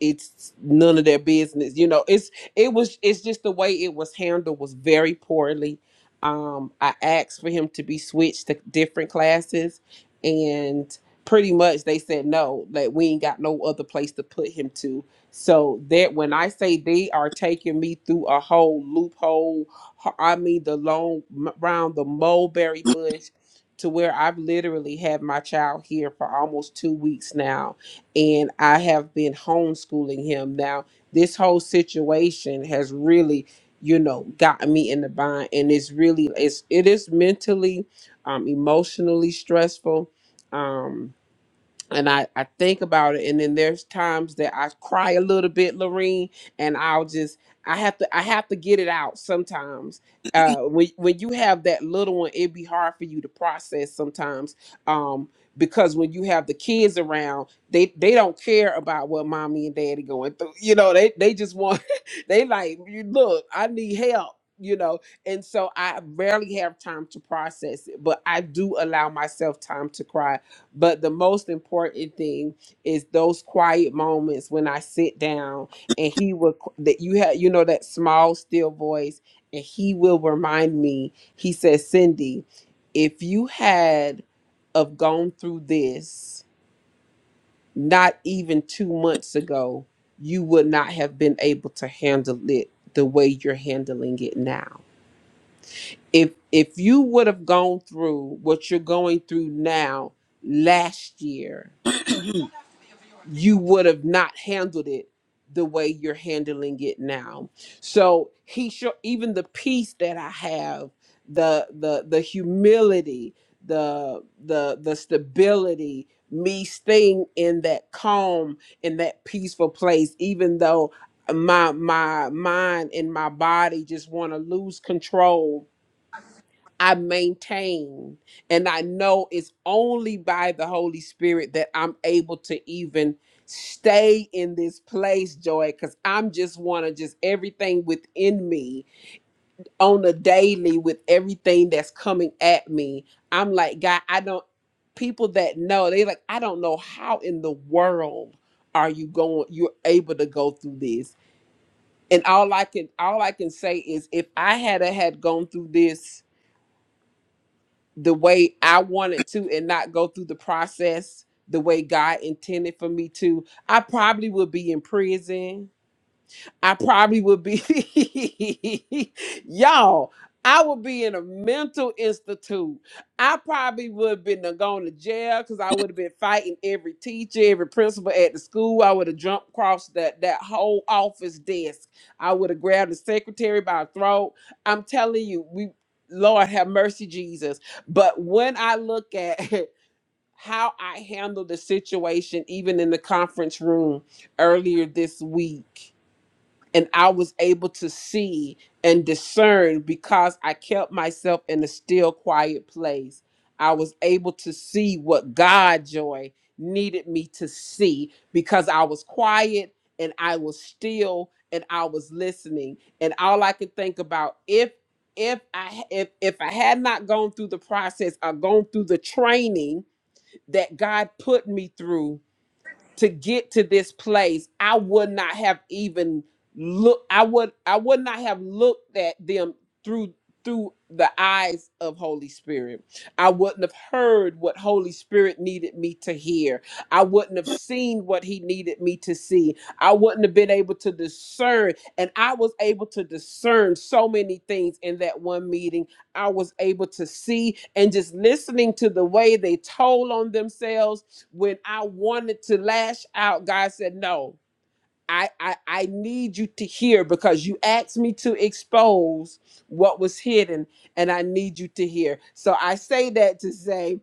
E: it's none of their business you know it's it was it's just the way it was handled was very poorly um i asked for him to be switched to different classes and pretty much they said no that we ain't got no other place to put him to so that when i say they are taking me through a whole loophole ho- i mean the long m- round the mulberry bush to where i've literally had my child here for almost two weeks now and I have been homeschooling him. Now, this whole situation has really, you know, gotten me in the bind, and it's really it's it is mentally, um, emotionally stressful. Um, and I, I think about it and then there's times that I cry a little bit, Lorene, and I'll just I have to I have to get it out sometimes. Uh when when you have that little one, it'd be hard for you to process sometimes. Um because when you have the kids around, they they don't care about what mommy and daddy going through. [laughs] You know, they they just want [laughs] they like, you look, I need help, you know. And so I rarely have time to process it, but I do allow myself time to cry but the most important thing is those quiet moments when I sit down and he will that you have you know that small still voice and he will remind me. He says, "Cindy, if you had of gone through this not even 2 months ago, you would not have been able to handle it the way you're handling it now. If if you would have gone through what you're going through now last year, you would have not handled it the way you're handling it now. So he show even the peace that I have, the the the humility, the the the stability, me staying in that calm in that peaceful place, even though my my mind and my body just want to lose control I maintain. And I know it's only by the Holy Spirit that I'm able to even stay in this place, Joy, because I'm just want to just everything within me on a daily with everything that's coming at me. I'm like, God, I don't, people that know, they like, I don't know how in the world are you going, you're able to go through this. And all I can, all I can say is if I had a had gone through this the way I wanted to and not go through the process the way God intended for me to, I probably would be in prison. I probably would be, [laughs] y'all, I would be in a mental institute. I probably would have been going to jail because I would have been fighting every teacher, every principal at the school. I would have jumped across that, that whole office desk. I would have grabbed the secretary by the throat. I'm telling you, we, Lord have mercy, Jesus. But when I look at [laughs] how I handled the situation, even in the conference room earlier this week, and I was able to see and discern because I kept myself in a still quiet place. I was able to see what God joy needed me to see because I was quiet and I was still and I was listening. And all I could think about if if I if if I had not gone through the process or gone through the training that God put me through, to get to this place i would not have even look i would i would not have looked at them through through the eyes of holy spirit i wouldn't have heard what holy spirit needed me to hear i wouldn't have seen what he needed me to see i wouldn't have been able to discern and i was able to discern so many things in that one meeting i was able to see and just listening to the way they told on themselves when I wanted to lash out, God said, No, I, I, I need you to hear because you asked me to expose what was hidden, and I need you to hear. So I say that to say,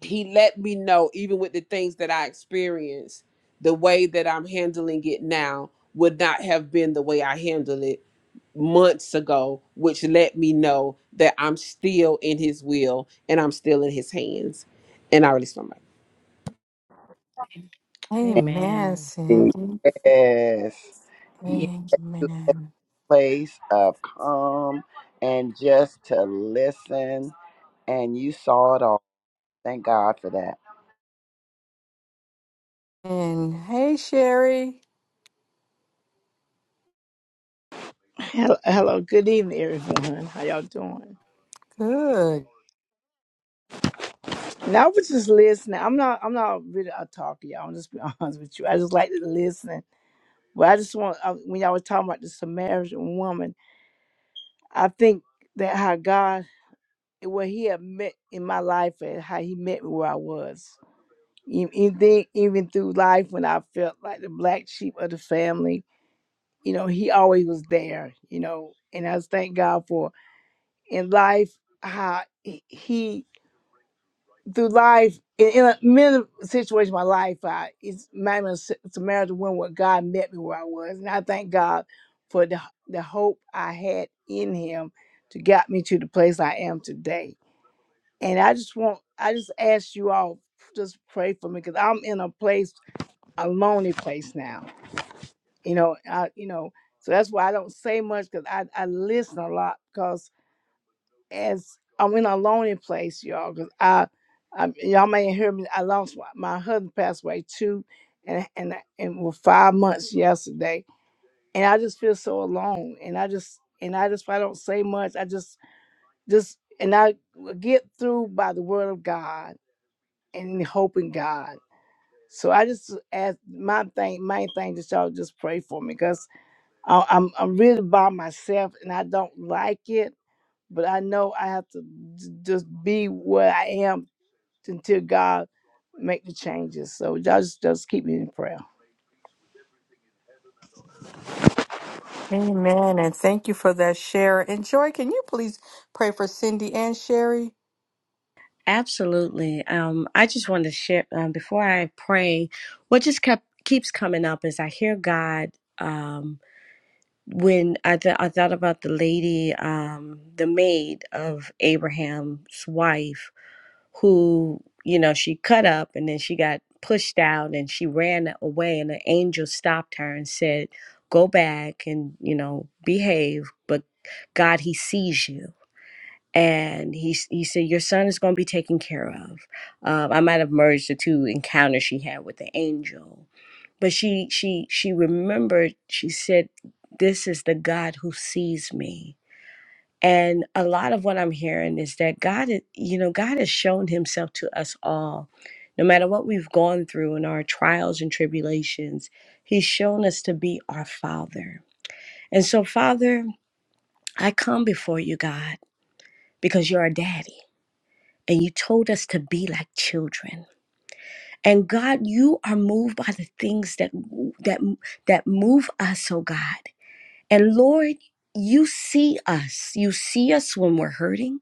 E: He let me know, even with the things that I experienced, the way that I'm handling it now would not have been the way I handled it months ago, which let me know that I'm still in His will and I'm still in His hands. And I release my mic.
A: Amen,
D: Amen.
A: Cindy.
B: Yes. He is a
A: Amen.
B: place of calm and just to listen. And you saw it all. Thank God for that.
A: And hey, Sherry.
F: Hello, hello, good evening, everyone. How y'all doing?
A: Good.
F: Now I was just listening. I'm not. I'm not really a talker, y'all. I'm just be [laughs] honest with you. I just like to listen. But I just want I, when y'all were talking about the Samaritan woman, I think that how God, what He had met in my life, and how He met me where I was. E- Even even through life, when I felt like the black sheep of the family, you know, He always was there. You know, and I just thank God for in life how He through life, in, in a, many situations of my life, I, it's my Samaritan woman where God met me where I was. And I thank God for the, the hope I had in him to get me to the place I am today. And I just want, I just ask you all, just pray for me because I'm in a place, a lonely place now. You know, I, you know, so that's why I don't say much because I, I listen a lot because as I'm in a lonely place, y'all, because I, I, y'all may hear me. I lost my, my husband passed away too, and and and was five months yesterday, and I just feel so alone. And I just and I just I don't say much. I just just and I get through by the word of God and hope in God. So I just ask my thing, main thing that y'all just pray for me because I'm I'm really by myself and I don't like it but I know I have to j- just be where I am until God make the changes. So y'all just just keep me in prayer.
A: Amen. And thank you for that share. And Joy, can you please pray for Cindy and Sherry?
D: Absolutely. Um, I just wanted to share um, before I pray. What just kept keeps coming up is I hear God. um, when I, th- I thought about the lady, um, the maid of Abraham's wife, who, you know, she cut up and then she got pushed out and she ran away, and the angel stopped her and said, Go back and, you know, behave, but God, He sees you. And he, s- he said, Your son is going to be taken care of. Um, I might have merged the two encounters she had with the angel but she she she remembered she said this is the god who sees me and a lot of what i'm hearing is that god is, you know god has shown himself to us all no matter what we've gone through in our trials and tribulations he's shown us to be our father and so father i come before you god because you're our daddy and you told us to be like children and god you are moved by the things that that that move us oh god And Lord, you see us. You see us when we're hurting.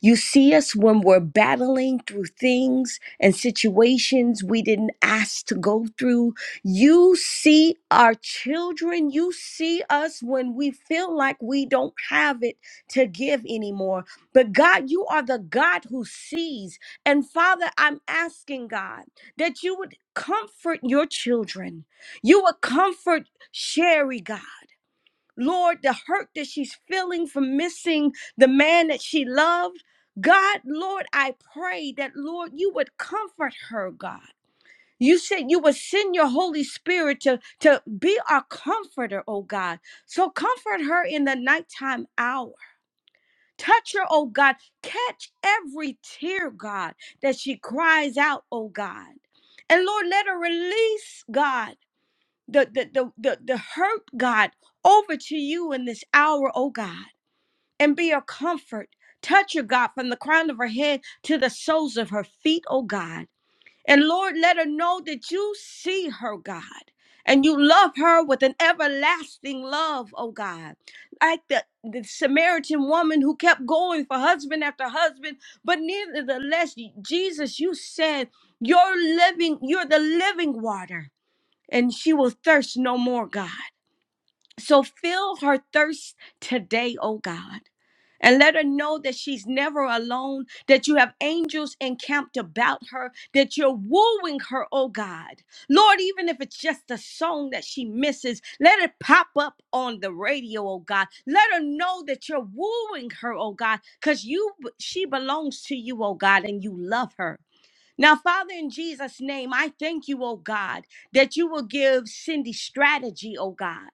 D: You see us when we're battling through things and situations we didn't ask to go through. You see our children. You see us when we feel like we don't have it to give anymore. But God, you are the God who sees. And Father, I'm asking God that you would comfort your children. You would comfort Sherry, God. Lord, the hurt that she's feeling from missing the man that she loved. God, Lord, I pray that, Lord, you would comfort her, God. You said you would send your Holy Spirit to, to be our comforter, oh God. So comfort her in the nighttime hour. Touch her, oh God. Catch every tear, God, that she cries out, oh God. And Lord, let her release, God the the the the, the hurt god over to you in this hour oh god and be her comfort touch her god from the crown of her head to the soles of her feet oh god and lord let her know that you see her god and you love her with an everlasting love, oh God. Like the, the Samaritan woman who kept going for husband after husband, but nevertheless, Jesus, you said, You're living, you're the living water and she will thirst no more, God. So fill her thirst today, oh God. And let her know that she's never alone, that you have angels encamped about her, that you're wooing her, oh God. Lord, even if it's just a song that she misses, let it pop up on the radio, oh God. Let her know that you're wooing her, oh God, because you she belongs to you, oh God, and you love her. Now, Father, in Jesus' name, I thank you, oh God, that you will give Cindy strategy, oh God.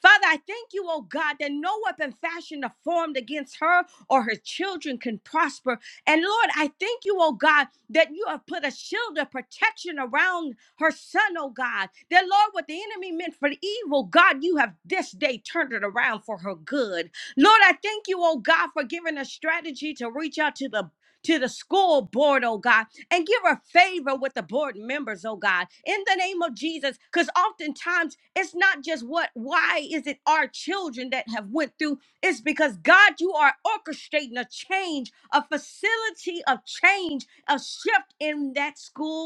D: Father, I thank you, oh God, that no weapon fashioned or formed against her or her children can prosper. And Lord, I thank you, oh God, that you have put a shield of protection around her son, oh God. That Lord, what the enemy meant for evil, God, you have this day turned it around for her good. Lord, I thank you, oh God, for giving a strategy to reach out to the to the school board, oh God, and give her favor with the board members, oh God, in the name of Jesus. Because oftentimes it's not just what, why is it our children that have went through? It's because God, you are orchestrating a change, a facility of change, a shift in that school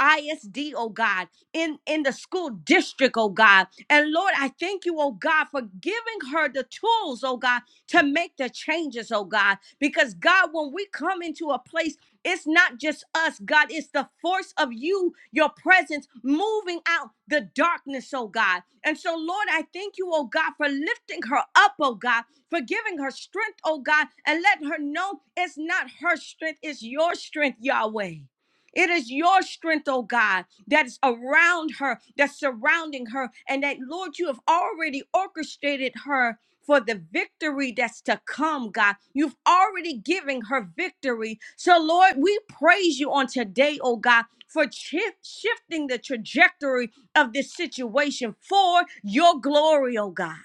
D: ISD, oh God, in, in the school district, oh God. And Lord, I thank you, oh God, for giving her the tools, oh God, to make the changes, oh God. Because God, when we come into a place, it's not just us, God, it's the force of you, your presence moving out the darkness, oh God. And so, Lord, I thank you, oh God, for lifting her up, oh God, for giving her strength, oh God, and letting her know it's not her strength, it's your strength, Yahweh. It is your strength, oh God, that's around her, that's surrounding her, and that, Lord, you have already orchestrated her for the victory that's to come, God. You've already given her victory. So, Lord, we praise you on today, oh God, for chi- shifting the trajectory of this situation for your glory, oh God.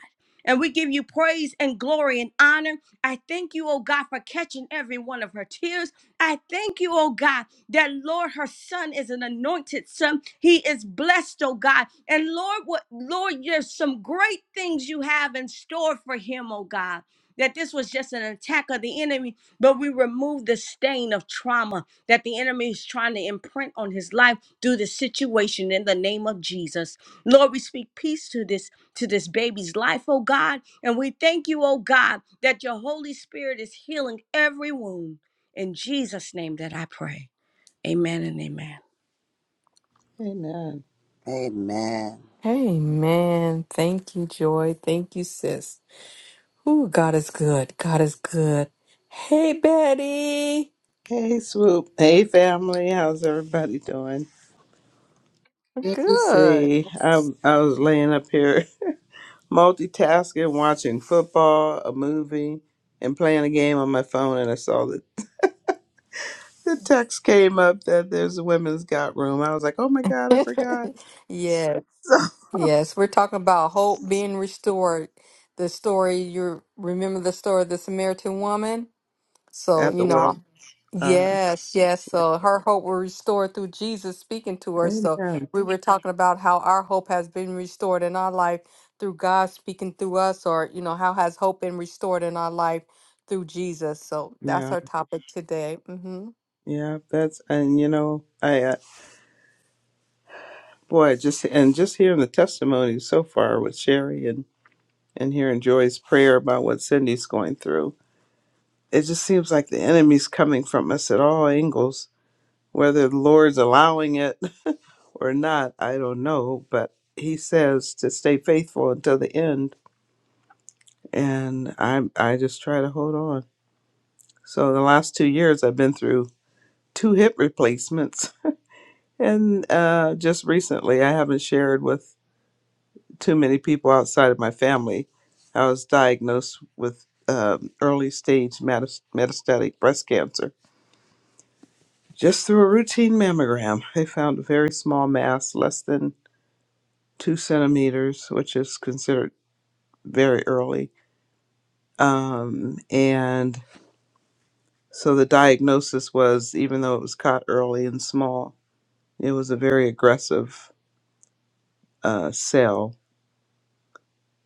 D: And we give you praise and glory and honor. I thank you, oh God, for catching every one of her tears. I thank you, oh God, that Lord, her son is an anointed son. He is blessed, oh God. And Lord, what Lord, there's some great things you have in store for him, oh God. That this was just an attack of the enemy, but we remove the stain of trauma that the enemy is trying to imprint on his life through the situation in the name of Jesus. Lord, we speak peace to this to this baby's life, oh God. And we thank you, oh God, that your Holy Spirit is healing every wound. In Jesus' name that I pray. Amen and amen.
G: Amen.
B: Amen.
A: Amen. Thank you, Joy. Thank you, sis. Ooh, God is good. God is good. Hey, Betty.
G: Hey, Swoop. Hey, family. How's everybody doing? Good to
A: Good.
G: see. I, I was laying up here [laughs] multitasking, watching football, a movie, and playing a game on my phone. And I saw that the text came up that there's a women's got room. I was like, oh my God, I
A: [laughs]
G: forgot. [laughs]
A: yes,
G: So,
A: yes. We're talking about hope being restored. The story, you remember the story of the Samaritan woman? So,
G: at
A: you
G: the
A: know,
G: well. Uh,
A: Yes, yes. So her hope was restored through Jesus speaking to her. So
G: amen.
A: we were talking about how our hope has been restored in our life through God speaking through us, or, you know, how has hope been restored in our life through Jesus. So that's
G: Yeah.
A: our topic today. hmm
G: Yeah. That's, and you know, I, uh, boy, just, and just hearing the testimonies so far with Sherry and and hearing Joy's prayer about what Cindy's going through. It just seems like the enemy's coming from us at all angles, whether the Lord's allowing it [laughs] or not, I don't know, but he says to stay faithful until the end and I I just try to hold on. So the last 2 years I've been through two hip replacements [laughs] and uh just recently I haven't shared with too many people outside of my family. I was diagnosed with um, early stage metas- metastatic breast cancer. Just through a routine mammogram, they found a very small mass, less than two centimeters, which is considered very early. Um, and so the diagnosis was, even though it was caught early and small, it was a very aggressive uh, cell.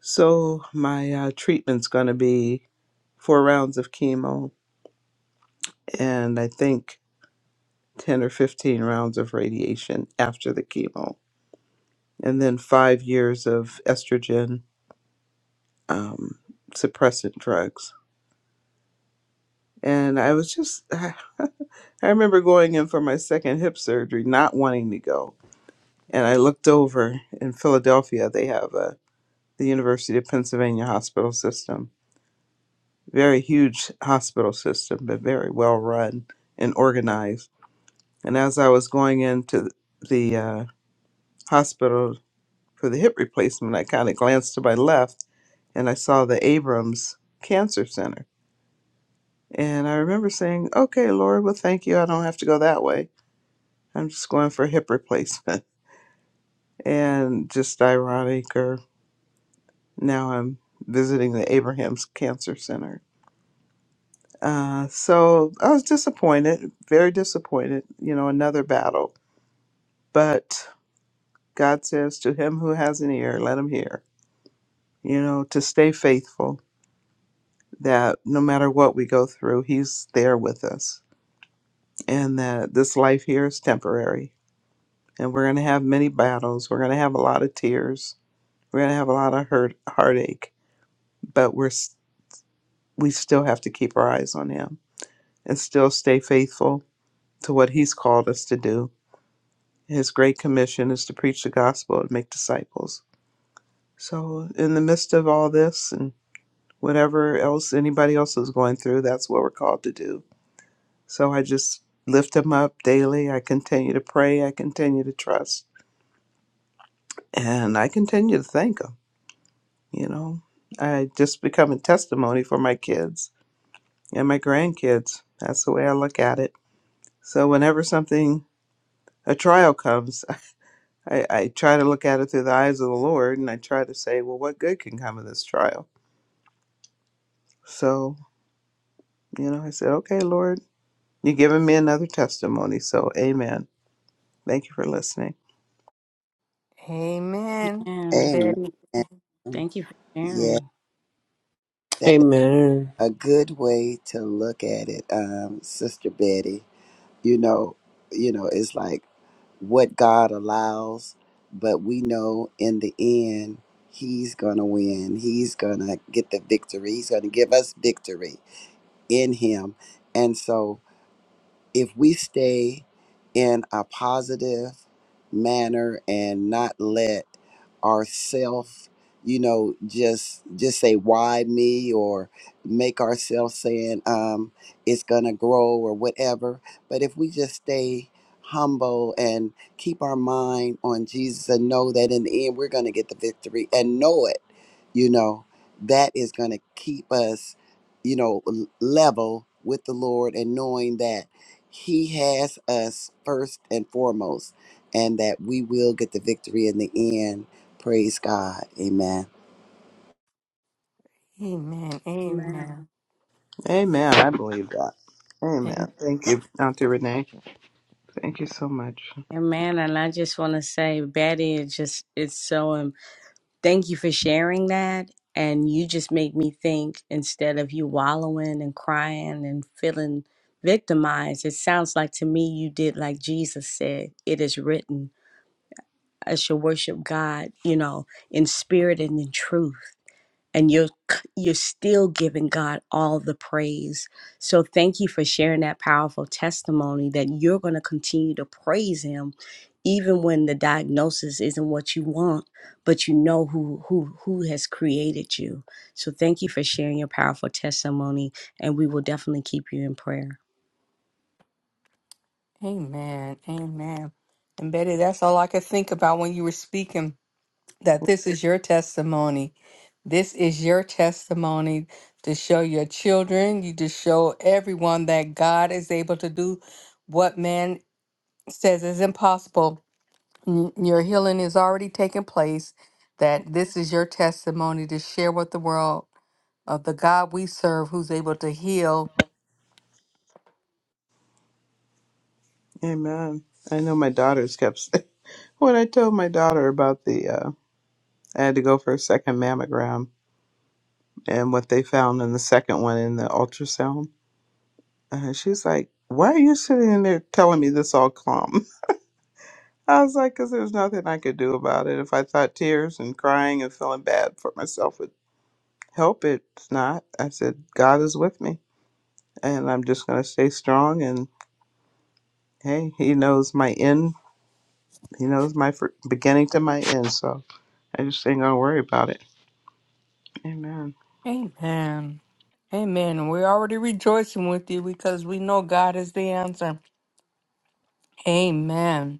G: So my uh, treatment's going to be four rounds of chemo, and I think 10 or 15 rounds of radiation after the chemo, and then five years of estrogen um, suppressant drugs. And I was just, [laughs] I remember going in for my second hip surgery, not wanting to go. And I looked over in Philadelphia, they have a, the University of Pennsylvania hospital system, very huge hospital system, but very well run and organized. And as I was going into the uh, hospital for the hip replacement, I kind of glanced to my left and I saw the Abrams Cancer Center. And I remember saying, okay, Lord, well, thank you. I don't have to go that way. I'm just going for a hip replacement. [laughs] And just ironic, or now I'm visiting the Abrams Cancer Center. Uh, so I was disappointed, very disappointed, you know, another battle. But God says, to him who has an ear, let him hear, you know, to stay faithful that no matter what we go through, He's there with us, and that this life here is temporary. And we're going to have many battles. We're going to have a lot of tears. We're going to have a lot of hurt, heartache, but we're s- we still have to keep our eyes on Him and still stay faithful to what He's called us to do. His great commission is to preach the gospel and make disciples. So, in the midst of all this and whatever else anybody else is going through, that's what we're called to do So I just lift him up daily. I continue to pray. I continue to trust. And I continue to thank him. You know, I just become a testimony for my kids and my grandkids. That's the way I look at it. So whenever something, a trial comes, I, I try to look at it through the eyes of the Lord and I try to say, well, what good can come of this trial? So, you know, I said, okay, Lord, you're giving me another testimony. So, amen. Thank you for listening.
A: Amen.
D: Amen.
B: Amen.
D: Thank you for
B: Yeah,
D: sharing.
B: that is
E: Amen.
B: a good way to look at it, um, Sister Betty. you know you know it's like what god allows but we know in the end he's gonna win he's gonna get the victory he's gonna give us victory in him and so if we stay in a positive manner and not let ourself you know just just say why me or make ourselves saying um it's gonna grow or whatever but if we just stay humble and keep our mind on jesus and know that in the end we're gonna get the victory and know it you know that is gonna keep us you know l- level with the lord and knowing that he has us first and foremost, and that we will get the victory in the end. Praise God. Amen.
A: Amen.
D: Amen.
A: Amen.
G: Amen. I believe that.
A: Amen.
G: Amen. Thank you, Auntie Renee. Thank you so much.
D: Amen. And I just want to say, Betty, it just it's so um thank you for sharing that. And you just make me think instead of you wallowing and crying and feeling victimized, it sounds like to me you did like Jesus said, it is written. I shall worship God, you know, in spirit and in truth. and you're you're still giving God all the praise. So thank you for sharing that powerful testimony that you're going to continue to praise him even when the diagnosis isn't what you want, but you know who who who has created you. So thank you for sharing your powerful testimony and we will definitely keep you in prayer.
A: Amen. Amen. And Betty, that's all I could think about when you were speaking, that this is your testimony This is your testimony to show your children, you to show everyone that God is able to do what man says is impossible. N- Your healing is already taking place. That this is your testimony to share with the world of the God we serve who's able to heal.
G: Amen. I know my daughters kept saying, [laughs] when I told my daughter about the, uh, I had to go for a second mammogram and what they found in the second one in the ultrasound. Uh, she's like, why are you sitting in there telling me this all calm? [laughs] I was like, because there's nothing I could do about it. If I thought tears and crying and feeling bad for myself would help, it's not. I said, God is with me and I'm just going to stay strong. Hey, he knows my end. He knows my fir- beginning to my end. So I just ain't gonna worry about it. Amen.
A: Amen. Amen. And We're already rejoicing with you because we know God is the answer. Amen.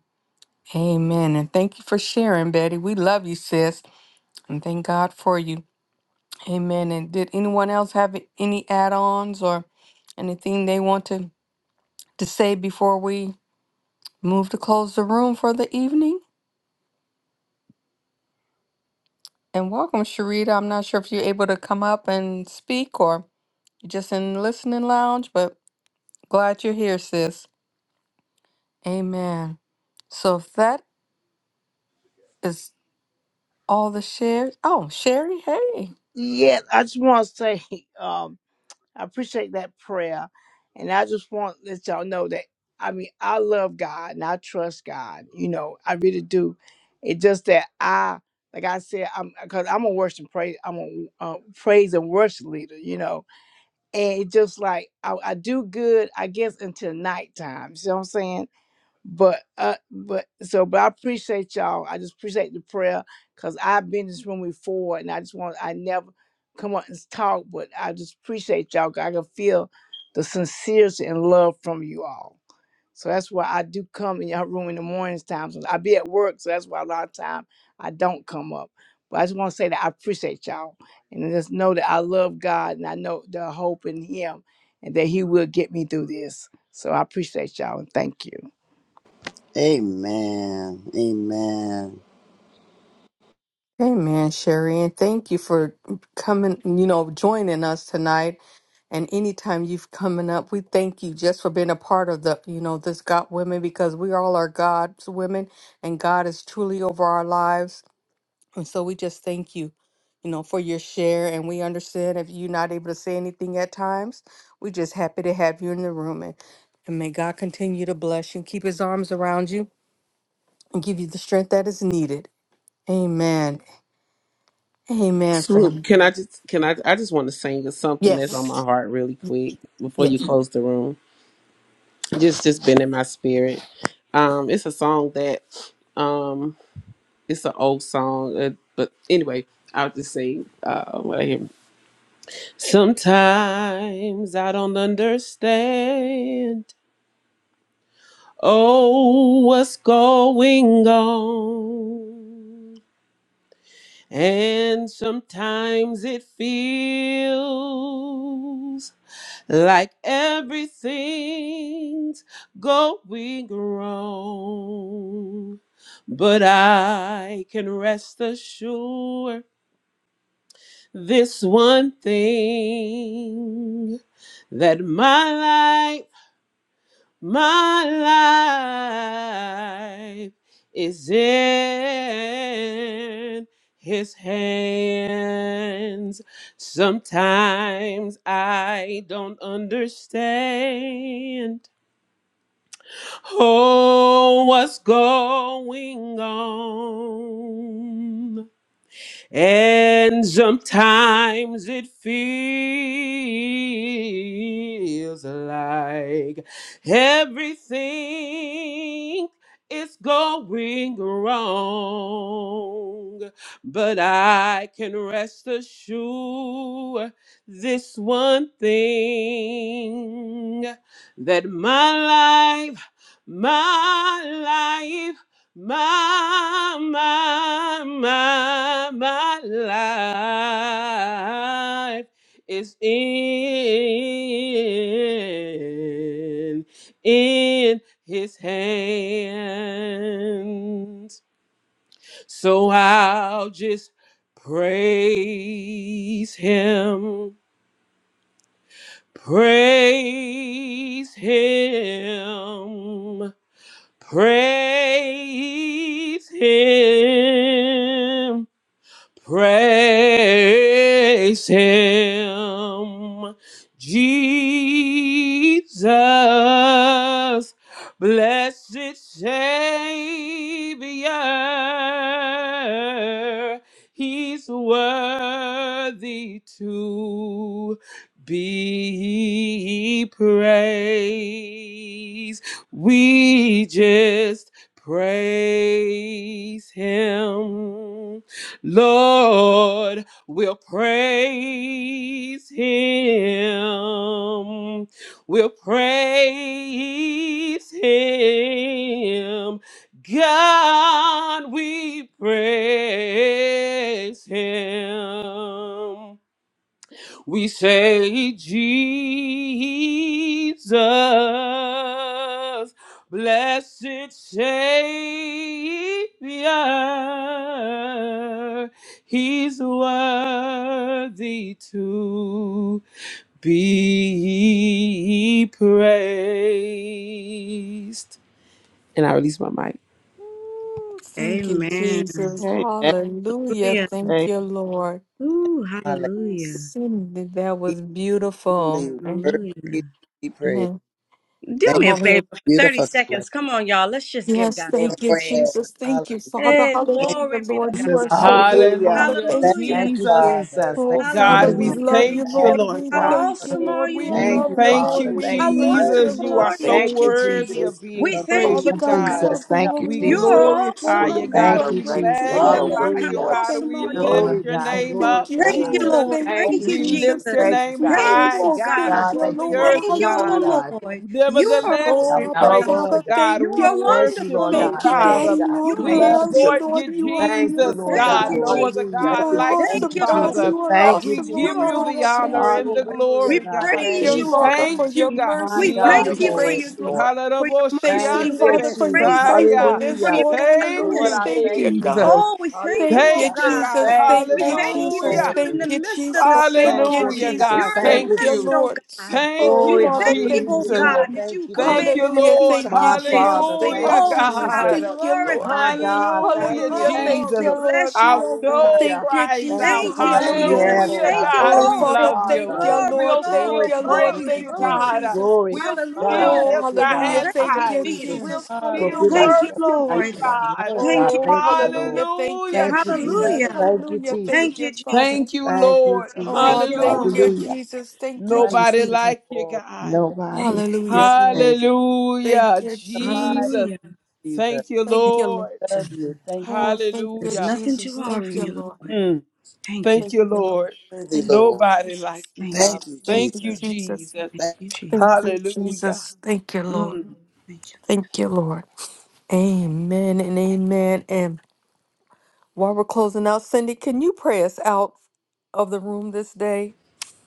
A: Amen. And thank you for sharing, Betty. We love you, sis, and thank God for you. Amen. And did anyone else have any add-ons or anything they want to, to say before we move to close the room for the evening? And welcome, Sharita. I'm not sure if you're able to come up and speak or you're just in listening lounge, but glad you're here, sis. Amen. So if that is all the shares. Oh, Sherry, hey.
F: Yeah, I just want to say [laughs] um, I appreciate that prayer, and I just want to let y'all know that I mean I love God and I trust God. You know, I really do. It's just that I. Like I said, I'm because I'm a worship and praise, I'm a uh, praise and worship leader, you know, and it's just like I, I do good, I guess, until nighttime. You see what I'm saying? But uh, but so, but I appreciate y'all. I just appreciate the prayer because I've been in this room before, and I just want I never come up and talk, but I just appreciate y'all. 'cause I can feel the sincerity and love from you all. So that's why I do come in your room in the mornings times. I be at work, so that's why a lot of time I don't come up. But I just want to say that I appreciate y'all, and just know that I love God, and I know the hope in Him, and that He will get me through this. So I appreciate y'all, and thank you.
B: Amen. Amen.
A: Amen, Sherry, and thank you for coming, you know, joining us tonight. And anytime you've coming up, we thank you just for being a part of the, you know, this God women because we all are God's women and God is truly over our lives. And so we just thank you, you know, for your share. And we understand if you're not able to say anything at times, we're just happy to have you in the room. And, and may God continue to bless you, keep his arms around you, and give you the strength that is needed. Amen. Amen, family.
E: Swoop, can I just can I I just want to sing you something that's on my
A: Yes.
E: heart really quick before you
A: Yes.
E: close the room. Just just been in my spirit. Um it's a song that um it's an old song uh, but anyway, I'll just sing uh what I hear. Sometimes I don't understand oh what's going on. And sometimes it feels like everything's going wrong. But I can rest assured this one thing that my light my life is in his hands. Sometimes I don't understand. Oh, what's going on? And sometimes it feels like everything is going wrong. But I can rest assured this one thing that my life, my life my, my, my, my life is in, in his hands. So I'll just praise him, praise him. Praise Him. Praise him, Jesus, blessed Savior. He's worthy to be praised. We just praise him. Lord, we'll praise him. We'll praise him. God, we praise him. We say, Jesus, blessed Savior, He's worthy to be praised. And I release my mic.
A: Ooh, Thank you,
D: Amen.
A: Jesus.
G: Amen.
A: Hallelujah.
D: Hallelujah.
A: Thank
G: Hey,
A: you, Lord.
D: Ooh,
B: Hallelujah.
D: hallelujah.
A: Cindy, that was beautiful.
B: Worthy to
D: Hallelujah.
B: be praised.
A: Amen.
D: Do
B: Thank
A: I'm
D: me a
A: over here.
D: favor for
B: you,
D: 30
B: beautiful selection.
D: seconds. Come on, y'all. Let's just give
A: Yes,
D: God
B: Yes.
D: some
A: thank you,
D: praise.
A: Jesus. Thank you,
B: Hallelujah.
A: Father.
D: Hey,
G: hey,
A: Hallelujah,
D: glory be to
A: Lord.
B: Thank
D: God.
A: You
F: Jesus.
B: you,
A: are so
B: Father.
A: good,
F: Hallelujah.
A: Father.
E: Hallelujah,
B: Thank
A: Thank you.
B: you,
D: Hallelujah.
F: Thank you,
E: Jesus.
B: Father.
F: Jesus. Thank
A: Oh,
F: you,
G: love
A: Father,
B: Thank
F: Jesus.
E: God,
G: you,
E: we
A: we
G: Lord.
B: you,
D: Hallelujah.
B: Lord,
A: love you,
B: for
E: thank you,
B: having
F: Thank
A: Lord.
F: you,
E: Lord
A: We
B: us.
F: Father.
E: God.
D: How
A: thank you,
D: awesome
B: Thank
D: are
A: Lord.
D: you,
A: We
D: O
G: That's
E: We
F: Thank
A: love
F: you,
D: Lord?
A: you,
E: thank
B: you,
A: Lord.
F: Father.
E: you,
A: We
B: Lord,
F: Thank
D: How
B: for
F: you,
A: praise
B: us
A: you,
F: Jesus.
E: Jesus.
D: wonderful
B: to
E: You
A: Lord.
B: make
E: are
D: are you,
E: so
F: Thank
A: Thank you,
F: you,
D: Jesus?
E: worthy
A: Jesus.
B: do
F: Jesus.
E: of
G: what
E: being
G: I
D: We
G: do.
B: from which
D: thank
F: Thank
A: Father
D: you,
E: praised,
F: you,
B: comes
D: O
A: God,
D: God.
A: you
E: God.
B: our
A: are
F: Jesus.
B: help,
F: Thank you,
E: We
D: You
G: Lord,
A: glorious,
F: Jesus.
D: are
A: you are
E: glorify
D: awesome,
A: holy,
E: you,
D: O
A: you
G: God,
E: God.
F: Thank
D: God.
B: Lord.
A: are
F: you,
E: We
B: So
F: Jesus.
A: righteous, you
D: Oh
B: let
A: are
B: us,
E: magnify
D: Lord,
A: worthy,
E: you,
D: how
F: Hallelujah.
A: Lord.
E: God.
A: Thank
D: awesome
E: We
A: you,
D: are
G: never
D: you,
A: Father.
E: lift
D: O
G: love
F: Glory,
E: your
G: you.
F: God.
D: Lord?
E: name
F: Glory,
A: Thank
E: up,
A: you,
D: Thank
F: God.
D: you,
B: Lord.
A: Jesus.
E: Jesus.
D: Lord.
A: Thank
F: Thank
A: you,
D: Thank
F: you,
D: you,
E: We
F: Jesus.
E: lift
A: Jesus.
D: Jesus.
E: your
F: Thank
A: Thank
F: you,
E: name
A: you,
F: God.
D: Thank
B: Lord.
D: you,
E: high,
D: O
A: Jesus.
E: God,
D: God.
A: Thank
F: God,
A: you,
E: above
F: thank
E: the
F: you
A: Lord.
F: are
E: earth,
D: Thank
F: with
D: you,
F: me,
E: God.
D: O
A: Hallelujah.
F: God. Thank
D: Lord. You
F: you.
D: are
E: Nevertheless,
F: that
D: awesome,
F: I'm
E: we
B: We
A: Oh, Abba,
B: like
F: not
D: O God.
E: praise you,
F: alone,
A: Father,
F: God.
E: God.
A: thank
D: You
E: We
A: you.
D: are
F: Thank you,
E: worship
F: Lord
D: wonderful,
E: you,
D: O
B: no
A: Thank
F: God.
A: you,
D: God.
F: Thank you,
B: Lord.
E: Father.
A: Daddy,
F: God.
D: You
A: Lord.
B: We
A: We
F: Thank
D: are
E: We
F: you,
B: love
A: love
F: Jesus.
A: you,
D: awesome,
E: exhort
D: O
A: Lord.
E: you,
A: You
D: Lord.
A: are
F: Thank you,
E: Jesus,
A: beautiful,
F: Lord God.
D: Thank
B: you,
E: God.
A: Lord.
D: you,
E: No
B: Lord.
D: Jesus.
E: other
F: Hallelujah.
B: And
A: You
E: God
B: we
A: are
B: just
E: like
F: Thank
E: you,
D: Thank
F: you,
A: awesome,
D: you, Lord.
A: God.
F: Jesus.
E: Father.
A: You are
B: out,
F: Thank you,
E: We
A: awesome,
F: Jesus.
A: Lord.
D: You're
E: give
A: You
E: you the
A: are
D: awesome,
E: honor
D: oh
E: and
A: amazing,
E: the
A: God.
D: Lord.
F: Hallelujah,
D: We
E: glory,
F: God.
E: God.
A: Thank
D: praise
F: Thank
A: you,
B: Lord.
E: We
F: you,
D: you, oh
F: Father.
A: Father,
D: God.
A: for
E: thank you,
A: your
B: We,
E: God.
F: My
E: We
D: We
A: mercy, for
E: love
F: God.
D: thank
A: your
D: you
E: you.
F: Thank
D: for
B: Lord,
F: you,
D: your
A: grace,
F: Jesus.
A: Lord.
D: for your
A: Thank
D: mercy
A: you,
F: Thank
D: and for
E: Halalaboshiande
F: you,
A: Father, for
D: your
A: your
F: Jesus.
D: grace,
E: Messiah.
A: faithfulness,
D: for
F: Hallelujah.
D: your
A: Lord.
E: Thank
F: Lord,
A: Hallelujah.
D: kindness.
E: you,
F: I
A: Thank
F: thank
A: you,
B: praise,
F: you,
A: God.
E: Jesus.
F: Jesus.
D: Oh, we thank you,
A: Thank
D: oh
A: you,
E: Thank
F: Hallelujah.
E: you,
B: Lord.
D: God.
E: God.
A: Jesus.
F: Thank you,
A: Thank
D: We
B: Thank
A: you,
D: thank
F: Father.
D: you
B: you,
F: Thank
G: Praise
D: that
A: Jesus.
F: you,
B: Lord.
E: Hallelujah.
D: you're
G: the
D: in
A: Thank
D: the
G: Lord,
F: Jesus.
A: you,
D: midst of the
B: Lord,
A: Jesus.
B: to
A: Thank
F: Thank
A: you,
D: storms.
E: Hallelujah,
F: you,
B: be out
F: Jesus.
E: God.
A: Jesus.
D: You're
B: of
D: in
B: nowhere.
F: Thank
E: Thank
D: the
F: you,
A: Thank you,
D: midst,
E: you.
F: Jesus.
D: oh
A: Lord.
D: God.
E: Thank
D: We
A: Oh,
F: Glory.
E: you,
A: Father,
D: thank you,
A: thank
D: oh
F: Hallelujah,
E: Jesus.
A: you.
D: God,
F: God.
B: Praise,
D: that
F: Thank
D: you
F: you,
B: Lord. Thank you, Lord.
E: Thank
F: Jesus.
E: you,
D: commanded the
A: Hallelujah.
E: Lord.
D: peace
A: Thank
D: be
A: you,
F: My
D: still.
A: Jesus.
F: Father.
B: We're
A: Thank
F: Thank
B: able
A: you,
E: Hallelujah,
F: you,
D: Oh
A: Jesus.
D: God,
F: Jesus.
D: we
B: to,
A: Thank
E: God.
A: you, Lord.
F: My
D: glorify
B: Lord.
D: you.
F: God.
G: God.
F: Thank
E: Hallelujah,
F: you,
A: Hallelujah.
D: Oh
B: Thank,
D: Lord,
A: Thank
F: Jesus.
E: Jesus.
D: we
A: you, Lord.
D: bless
E: Our
D: you, oh God.
E: soul
A: Thank
F: Hallelujah.
A: you,
E: cries
F: Thank
A: Jesus.
F: you,
E: out,
D: Thank you,
F: Jesus.
B: thank
A: Hallelujah.
B: you,
D: Jesus.
F: Yes,
B: Lord.
E: Hallelujah,
D: Thank
F: God.
D: you,
E: God.
A: Oh,
F: Thank
E: We
F: you,
D: Lord.
B: Thank
A: Father,
E: love you.
A: thank
B: you,
F: Father.
A: you,
B: Lord.
D: Glory,
A: Lord.
E: We'll
A: Thank
F: Glory
D: glory,
E: still
A: you,
F: to your
A: Lord.
E: praise
D: glory,
F: name,
A: Thank
E: you,
A: you,
F: Jesus.
E: God.
D: glory.
A: Jesus.
F: Glory.
E: We'll
F: God, I
E: still
D: Hallelujah.
B: My
A: Oh,
F: thank
E: lift
F: you,
E: our
A: hallelujah.
F: God.
E: hands
F: Thank
D: Thank
A: Thank
D: you,
A: you,
E: high.
F: you for,
E: We'll
D: Jesus.
A: Jesus.
F: for
B: darling,
E: still
F: being
A: Hallelujah.
F: my
D: Thank you,
F: shepherd.
E: worship
F: I
E: you,
F: should
D: Lord.
F: have
E: God.
F: known, God.
D: Thank you,
A: Oh,
F: Thank you.
D: Lord.
B: Lord.
A: hallelujah. Thank
E: Hallelujah,
A: you,
F: Thank you,
B: We
F: Jesus.
A: Jesus.
B: love
E: Jesus.
D: Hallelujah.
B: you,
F: Thank you,
A: Hallelujah.
B: Lord.
F: Jesus.
A: Thank
D: Thank
A: you,
D: you, Jesus.
A: Father.
E: Thank you,
F: Thank you,
E: Lord.
F: Jesus.
A: Oh,
D: Thank you,
A: thank
D: Lord.
A: you,
E: Hallelujah.
F: Hallelujah.
A: Jesus. Thank you,
D: Thank
B: Right,
F: Jesus.
E: Nobody
D: you,
A: Jesus.
D: Jesus.
E: like you,
B: Lord.
E: God.
B: In
D: Thank
F: Nobody. Jesus.
A: Hallelujah, Lord.
G: Thank you.
A: Thank
E: Hallelujah,
A: you,
B: the
D: you.
B: mighty
A: Jesus.
E: Jesus.
D: Hallelujah.
B: Jesus.
E: Thank you,
A: Thank
D: Thank you,
A: you, Lord.
E: Lord.
B: Love
D: Jesus.
B: you. Thank you.
A: Oh, thank you,
D: There's
E: Hallelujah.
D: nothing too
A: Jesus.
D: hard
A: Thank
D: for
A: you,
E: Mm,
D: you,
A: Lord.
D: Lord.
E: mm.
D: Thank you.
E: Thank
A: Thank
E: you,
A: you, Lord.
E: Lord.
B: Worthy,
A: Thank
B: Lord.
A: you,
E: Nobody
A: Jesus.
E: like you,
D: Thank you.
E: Father.
B: Thank you,
A: Thank
E: Thank
A: you,
E: you,
B: Jesus.
A: Jesus.
E: Jesus.
D: Thank
B: Thank
D: you,
A: Thank
D: Jesus.
A: you,
E: Hallelujah.
A: Jesus. Thank you, Lord.
E: Mm.
D: Thank you.
A: Thank you, Lord. Amen and amen. And while we're closing out, Cindy, can you pray us out of the room this day?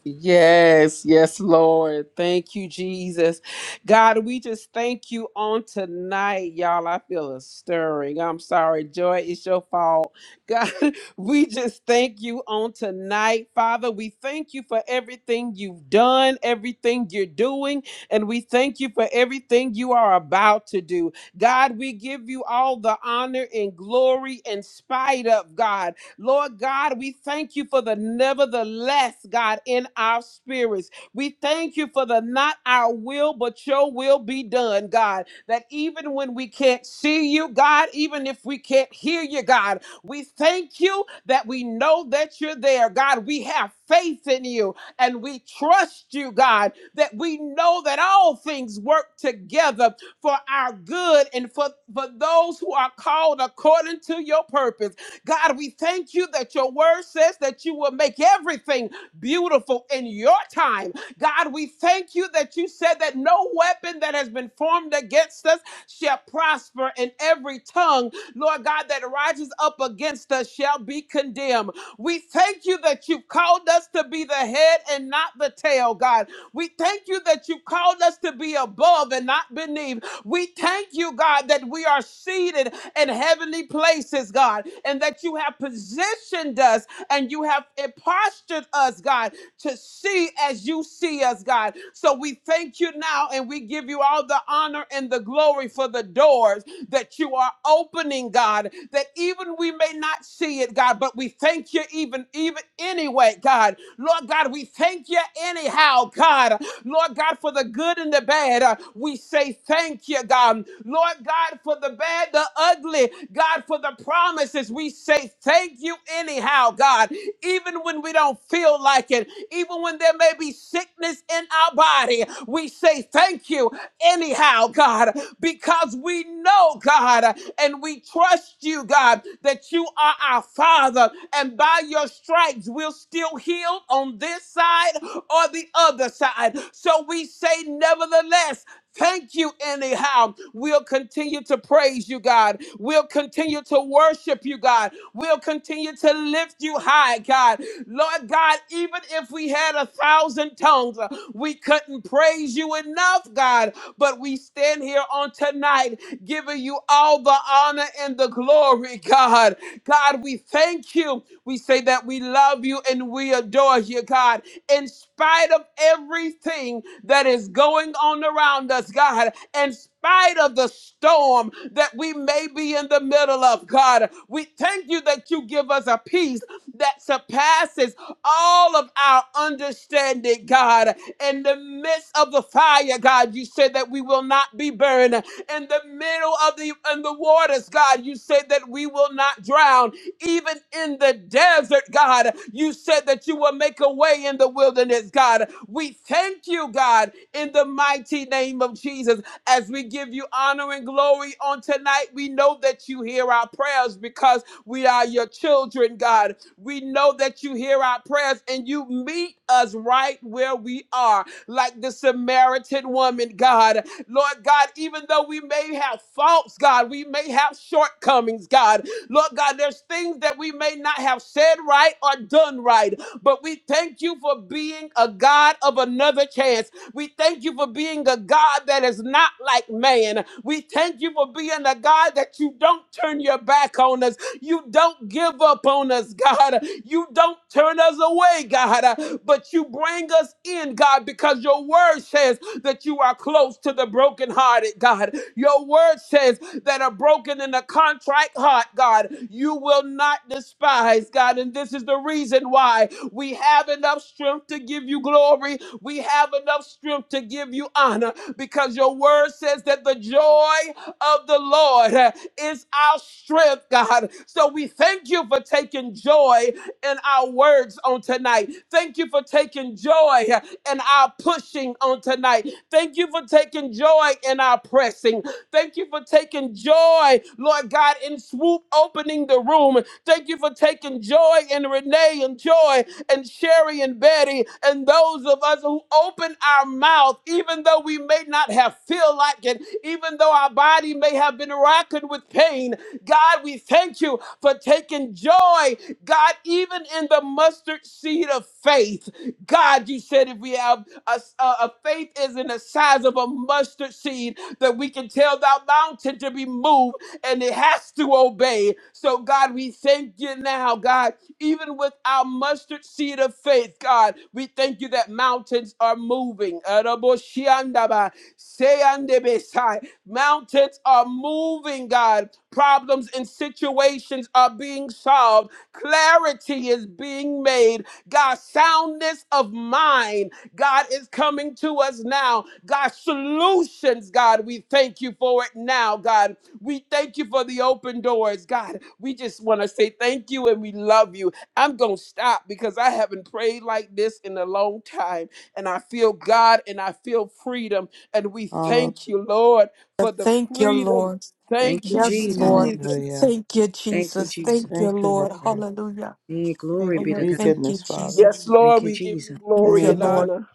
E: Yes, yes, Lord. Thank you, Jesus. God, we just thank you on tonight, y'all. I feel a stirring. I'm sorry, Joy, it's your fault. God, [laughs] we just thank you on tonight, Father. We thank you for everything you've done, everything you're doing, and we thank you for everything you are about to do. God, we give you all the honor and glory in spite of God. Lord God, we thank you for the nevertheless, God, in our spirits. We thank you for the not our will, but your will be done, God. That even when we can't see you, God, even if we can't hear you, God, we thank you that we know that you're there, God. We have faith in you and we trust you, God, that we know that all things work together for our good and for, for those who are called according to your purpose. God, we thank you that your word says that you will make everything beautiful in your time. God, we thank you that you said that no weapon that has been formed against us shall prosper, and every tongue, Lord God, that rises up against us shall be condemned. We thank you that you've called us to be the head and not the tail, God. We thank you that you called us to be above and not beneath. We thank you, God, that we are seated in heavenly places, God, and that you have positioned us and you have postured us, God, to see as you see us, God. So we thank you now and we give you all the honor and the glory for the doors that you are opening, God, that even we may not see it, God, but we thank you even, even anyway, God. Lord God, we thank you anyhow, God. Lord God, for the good and the bad. uh, We say thank you, God. Lord God, for the bad, the ugly, God, for the promises. We say thank you anyhow, God. Even even when we don't feel like it, even when there may be sickness in our body, we say thank you anyhow, God, because we know, God, and we trust you, God, that you are our Father, and by your stripes we're still healed on this side or the other side. So we say, nevertheless, Thank you, anyhow. We'll continue to praise you, God. We'll continue to worship you, God. We'll continue to lift you high, God. Lord God, even if we had a thousand tongues, uh, we couldn't praise you enough, God. But we stand here on tonight giving you all the honor and the glory, [laughs] God. God, we thank you. We say that we love you and we adore you, God. In spite of everything that is going on around us, God, in spite of the storm that we may be in the middle of, God, we thank you that you give us a peace that surpasses all of our understanding, God. In the midst of the fire, God, you said that we will not be burned in the middle of the in the waters, God. You said that we will not drown. Even in the desert, God, you said that you will make a way in the wilderness, God. We thank you, God, in the mighty name of Jesus. As we give you honor and glory on tonight, we know that you hear our prayers because we are your children, God. We know that you hear our prayers and you meet us right where we are, like the Samaritan woman, God. Lord God, even though we may have faults, God, we may have shortcomings, God. Lord God, there's things that we may not have said right or done right, but we thank you for being a God of another chance. We thank you for being a God that is not like man. We thank you for being a God that you don't turn your back on us. You don't give up on us, God. You don't turn us away, God, but you bring us in, God, because your word says that you are close to the brokenhearted, God. Your word says that a broken and a contrite heart, God, you will not despise, God. And this is the reason why we have enough strength to give you glory. We have enough strength to give you honor because your word says that the joy of the Lord uh, is our strength, God. So we thank you for taking joy in our words on tonight. Thank you for taking joy uh, in our pushing on tonight. Thank you for taking joy in our pressing. Thank you for taking joy, Lord God, in swoop opening the room. Thank you for taking joy in Renee and Joy and Sherry and Betty and those of us who open our mouth, even though we may not have feel like it, even though our body may have been racking with pain. God, we thank you for taking joy, God, even in the mustard seed of faith. God, you said if we have a a, a faith is in the size of a mustard seed, that we can tell that mountain to be moved and it has to obey. So, God, we thank you now, God, even with our mustard seed of faith, God, we thank you that mountains are moving. Araboshiandaba, seyandebesai. Mountains are moving, God. Problems and situations are being solved. Clarity is being made God, soundness of mind, God is coming to us now. God, solutions, God, we thank you for it now, God. We thank you for the open doors, God. We just want to say thank you and we love you. I'm going to stop because I haven't prayed like this in a long time. And I feel God and I feel freedom. And we
G: Hallel-
E: thank you, Lord, for the
A: Thank you,
E: freedom.
A: Lord.
D: Thank
E: Thank
D: you,
E: you,
A: Yes,
D: Jesus.
A: Lord.
E: Jesus.
G: Hallelujah.
A: Thank you,
D: Thank you,
A: Jesus.
D: Jesus.
A: Thank you,
G: Thank you,
A: Lord.
G: Lord.
A: Hallelujah.
D: Hey,
G: Thank
D: glory
G: you
D: be
A: Oh,
G: for
D: to
G: your
D: God.
A: thank you,
G: goodness, Father.
A: Jesus.
E: Yes,
D: Thank
E: Lord,
D: you,
E: we give you
D: Jesus.
A: Thank
E: glory
A: you,
E: and
G: Thank you.
A: Lord.
E: honor.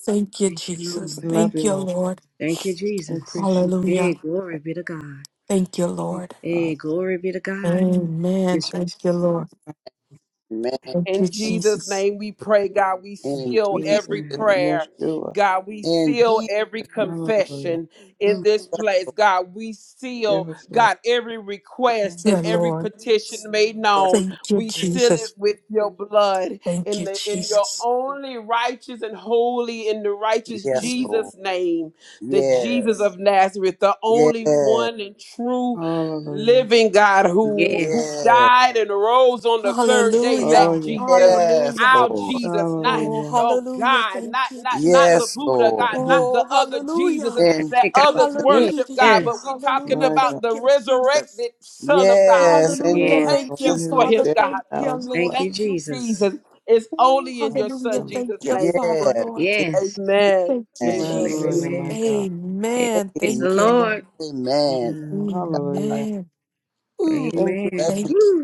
A: Thank you,
D: Thank you,
A: Jesus.
D: Lord.
G: We love
A: Thank
G: you,
A: you,
G: Lord.
A: Lord.
D: Thank you,
G: We
D: Jesus.
G: appreciate
A: Hallelujah.
D: Hey, glory
G: it.
D: be to God.
A: Thank you,
G: Thank
A: Lord.
G: you,
D: Hey,
G: Father.
D: glory be to God.
A: Amen.
D: It's
A: Thank you,
G: In
A: Lord.
B: you,
A: Thank
E: In
A: you,
E: Jesus'
A: Jesus.
E: name we pray, God, we
B: In,
E: seal
B: Je-
G: Jesus'
D: Jesus'
E: every
D: name.
G: name,
E: prayer.
G: Yeshua.
E: God, we
B: in
E: seal
B: Jesus.
E: every
G: Hallelujah.
E: confession in
D: Mm.
E: this place. God, we seal,
G: Give us, Lord.
E: God, every
G: Give
A: Thank
E: request
G: us,
E: and
A: you,
E: every
A: Lord.
E: petition made
B: Yes,
E: known.
A: Thank you,
E: We seal it
A: Jesus.
E: with your blood
A: Thank
E: in
A: you,
E: the in your
A: Jesus.
E: only righteous and holy in the righteous
G: Lord.
B: yes, Lord.
E: Jesus name, the Jesus
B: Yes.
E: of Nazareth, the
B: Yes.
E: only one and true
G: Hallelujah.
E: living God who who
D: Yes.
B: Yes.
E: died and rose on the third day.
G: Oh,
E: That
A: Hallelujah.
G: yeah.
E: Jesus,
B: Yes,
A: Hallelujah.
E: our
B: Lord.
E: Jesus, not
A: Oh,
G: Hallelujah.
E: oh
A: hallelujah.
E: God,
A: Thank
E: not
A: you,
E: not not the
B: Yes,
A: Jesus.
E: Buddha
B: Lord.
E: God, not
D: Mhm.
E: the
A: Oh,
E: other
A: hallelujah.
E: Jesuses
B: And
E: that
D: Hey, God bless
E: others
D: you.
A: Hallelujah.
E: worship God, but
D: Yes.
E: we talking
A: Hallelujah.
G: My
E: about
G: God.
A: Thank
E: the
A: you, Jesus.
E: resurrected Son of God.
G: Yes,
B: yes, in
E: We
A: Hallelujah.
G: Lord.
D: Yes.
E: thank
G: The
A: Thank you,
E: you
G: one
B: Jesus'
G: who
B: name.
E: for
G: was
A: Father.
E: him,
G: dead and
E: God.
A: Thank you,
G: now is
E: We
D: Thank
A: Lord.
G: alive.
E: thank
D: you,
E: you, Jesus.
D: Jesus.
E: It's
A: Ooh,
E: only in
G: Oh,
E: your
A: hallelujah.
E: Son
G: Shem.
A: Thank
E: Jesus'
A: you,
E: name we
A: Father,
B: Yes.
A: Lord.
B: In
E: pray.
D: Yes.
B: Jesus'
E: Amen.
A: Thank you,
B: name.
D: Jesus'
G: My
E: Amen.
D: name.
G: Lord
A: Jesus.
G: and
E: Amen.
G: my
D: Amen.
G: God.
A: Amen.
D: Praise
B: Amen.
D: the
A: Thank you,
D: Lord.
A: Lord.
B: Amen.
G: Mm, hallelujah.
A: Amen.
B: Ooh,
G: Thank you,
B: love
D: Amen.
B: you
A: Thank
G: Father.
A: you.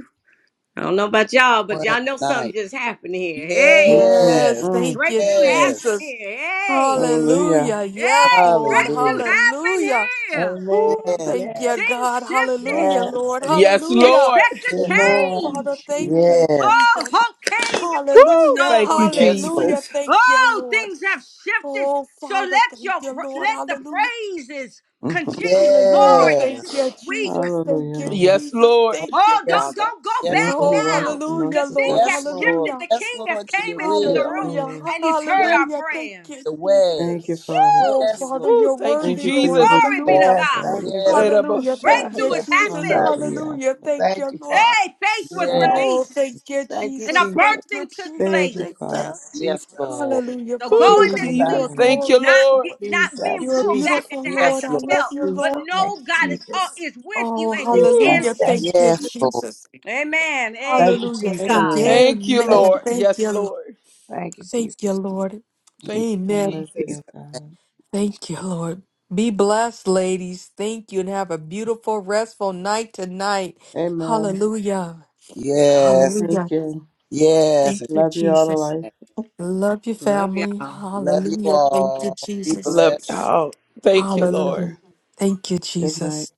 D: I don't know about y'all, but
B: one
D: y'all know something
B: night.
D: just happened here. Hey,
G: Mm,
A: Yes.
B: Yes.
G: mm.
A: Thank you,
D: breakthrough
B: Yes.
D: happened
A: Jesus.
D: here. Hey,
G: Hallelujah.
A: Hallelujah. Yes,
D: hey,
A: Lord.
D: breakthrough
B: Hallelujah.
D: happened
A: Hallelujah.
D: here.
A: Ooh,
F: Amen.
B: Yes.
A: thank you,
F: Yes.
D: Things
A: God.
D: shifted.
A: Hallelujah,
F: Yes.
A: Lord.
E: Yes,
A: Hallelujah.
E: Lord.
D: Expect a
B: Yes.
A: Oh,
F: Amen.
A: Father,
D: change.
F: Jesus.
A: thank you,
B: Yes,
D: Oh,
A: Jesus.
D: hope came and was
E: Woo,
A: Hallelujah.
E: Thank you,
D: restored.
B: Yes, Lord.
A: Hallelujah.
E: Jesus.
A: Thank you,
D: Oh,
A: Lord.
D: things have shifted.
A: Oh,
D: So
A: Father,
D: let
A: thank
D: your
A: you,
D: pr-
A: Lord.
D: let the
A: Hallelujah.
D: praises
G: Mhm.
D: continue
A: Hallelujah.
D: forward
B: Yes.
A: Thank
D: into this
A: you,
D: week.
A: Jesus. Thank
G: hallelujah,
A: you,
G: Lord.
E: Yes,
A: Jesus.
E: Lord.
A: Thank you,
D: Oh, don't
B: Yes, Lord.
A: Father.
D: don't go
G: The
B: Yes,
G: one
D: back
B: Lord.
G: who
A: Oh,
G: walked
D: now,
A: hallelujah,
D: cause
G: amongst us.
D: things
G: that-
A: Lord.
D: have
B: Yes, Lord.
D: shifted.
A: Hallelujah.
D: The
B: Yes,
D: King has
B: Lord, to
D: came
B: your
D: into
G: Yes,
D: the
B: will.
D: room
A: Hallelujah.
G: Lord.
D: and he's heard
B: Yes,
D: our
A: Hallelujah. Thank
D: prayers.
A: you,
B: the way.
G: Thank you,
A: Jesus.
G: Father.
A: Oh,
D: Woo!
B: Yes, Lord.
A: Father,
E: Woo,
A: you're
E: thank you,
G: Thank
A: worthy,
G: you for your
A: Lord.
E: Jesus.
D: Glory be
G: visitation,
D: to
A: Hallelujah.
F: Yes.
G: for
D: God.
G: all
F: Thank
G: the
F: you,
B: Yes,
G: Spirit.
F: Jesus.
B: my
A: Hallelujah. Thank
D: Breakthrough
A: you,
F: Yes.
D: has
E: Ereboshaya.
A: Jesus.
D: happened.
F: Jesus.
G: Hallelujah.
A: Hallelujah. Thank
F: Thank
A: you,
F: you,
A: Lord.
F: Father.
D: Hey, faith was
B: yes.
G: Oh,
A: Oh,
F: Yes.
D: released
A: thank you,
F: Thank you,
D: and a
A: Jesus.
F: Jesus.
A: Thank you,
D: birthing took
A: Jesus.
G: thank you,
F: Jesus.
A: Thank
D: place.
A: you.
G: Father.
B: Yes,
F: Jesus.
B: Lord.
A: Hallelujah,
D: So
A: Father
E: Woo,
D: going
F: Jesus,
G: My
A: God.
D: this
E: Jesus.
A: You
G: Lord
A: are
D: week,
G: and my
E: Thank you,
D: not
A: glorious,
E: Lord.
D: get,
A: Lord.
D: not being
A: You
F: Jesus,
A: are
D: pulled
F: Jesus,
D: back
A: beautiful,
D: into how
A: Lord.
D: you
B: Yes,
A: I
B: Lord.
A: love
D: felt,
A: you,
F: Jesus,
D: but
A: Lord.
F: thank you,
D: know God is all
F: Jesus,
D: is with you
A: Oh,
D: and He's
F: Jesus,
E: Woo.
A: hallelujah.
D: answered.
F: thank
A: Thank
F: you,
A: you,
F: Jesus,
B: Yes, Lord.
A: Jesus.
D: Amen.
F: thank
D: Hey,
F: you,
A: Hallelujah.
D: praise
G: God.
F: Jesus,
A: Thank
D: God.
G: Amen.
A: you.
E: Thank you,
F: thank
A: Amen.
F: you,
E: Lord.
A: Thank
E: Yes,
A: you, Lord.
E: Lord.
F: thank you,
A: Thank
F: Jesus,
A: you, Lord.
E: Thank you,
G: Have
A: Amen.
G: mercy,
E: Jesus.
G: O God.
A: Thank you, Lord. Be blessed, ladies. Thank you and have a beautiful, restful night tonight.
G: Amen.
A: Hallelujah.
B: Yes.
G: Thank
A: Hallelujah.
G: you.
B: Yes.
A: Thank you,
G: Love you all to
A: Jesus.
G: life.
A: Love your
D: Love y'all.
A: family.
B: Love you
A: Hallelujah. Thank you,
B: all. Be
A: Jesus.
B: blessed.
E: Love y'all. Thank you,
A: Hallelujah.
E: Lord.
A: Thank you,
G: Good night.
A: Jesus.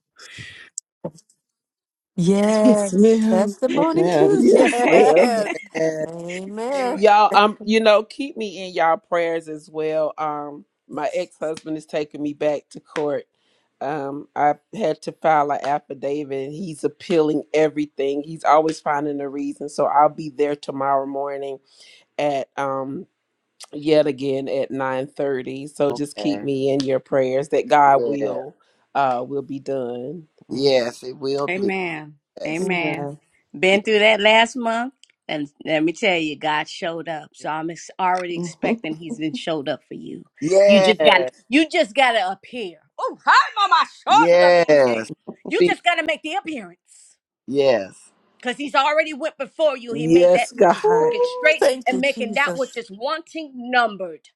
E: Yes,
A: Yes.
E: ma'am.
A: Testimony
G: Amen.
A: cues.
E: Yes, ma'am.
A: Yes.
B: Yes.
D: [laughs]
A: Amen.
D: Amen.
E: y'all um you know keep me in y'all prayers as well um my
A: Yes.
E: ex-husband is taking me back to court um i had to file an affidavit and he's appealing everything he's always finding a reason so i'll be there tomorrow morning at um yet again at 9 30. so just keep
B: Okay.
E: me in your prayers that god
B: Yes.
E: will uh will be done
G: [laughs]
B: Yes, it will be.
D: Amen.
B: Yes.
D: Amen.
G: Amen.
D: Been through that last month, and let me tell you, God showed up. So I'm ex- already
G: [laughs]
D: expecting He's been showed up for you. You just got to
B: Yes.
D: You just got to appear. Oh, hi, Mama. Short
B: Yes.
D: 38K. You
B: Be-
D: just got to make the appearance.
B: Yes.
D: Because he's already went before you. He made that
E: yes
D: which is
E: god
D: crooked
A: Ooh,
D: straight
A: thank
D: and
A: you,
D: making that which
A: Jesus.
D: is wanting numbered.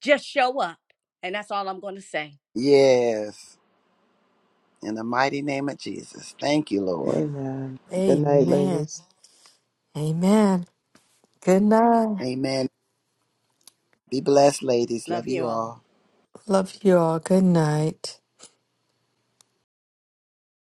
D: Just show up. And that's what I'm going to say.
B: Yes. In the mighty name of Jesus. Thank you, Lord.
G: Amen. Good night,
A: Amen.
G: ladies.
A: Amen. Good night.
B: Amen. Be blessed, ladies. Love
D: Love you
B: you
D: all.
B: all.
A: Love you all. Good night.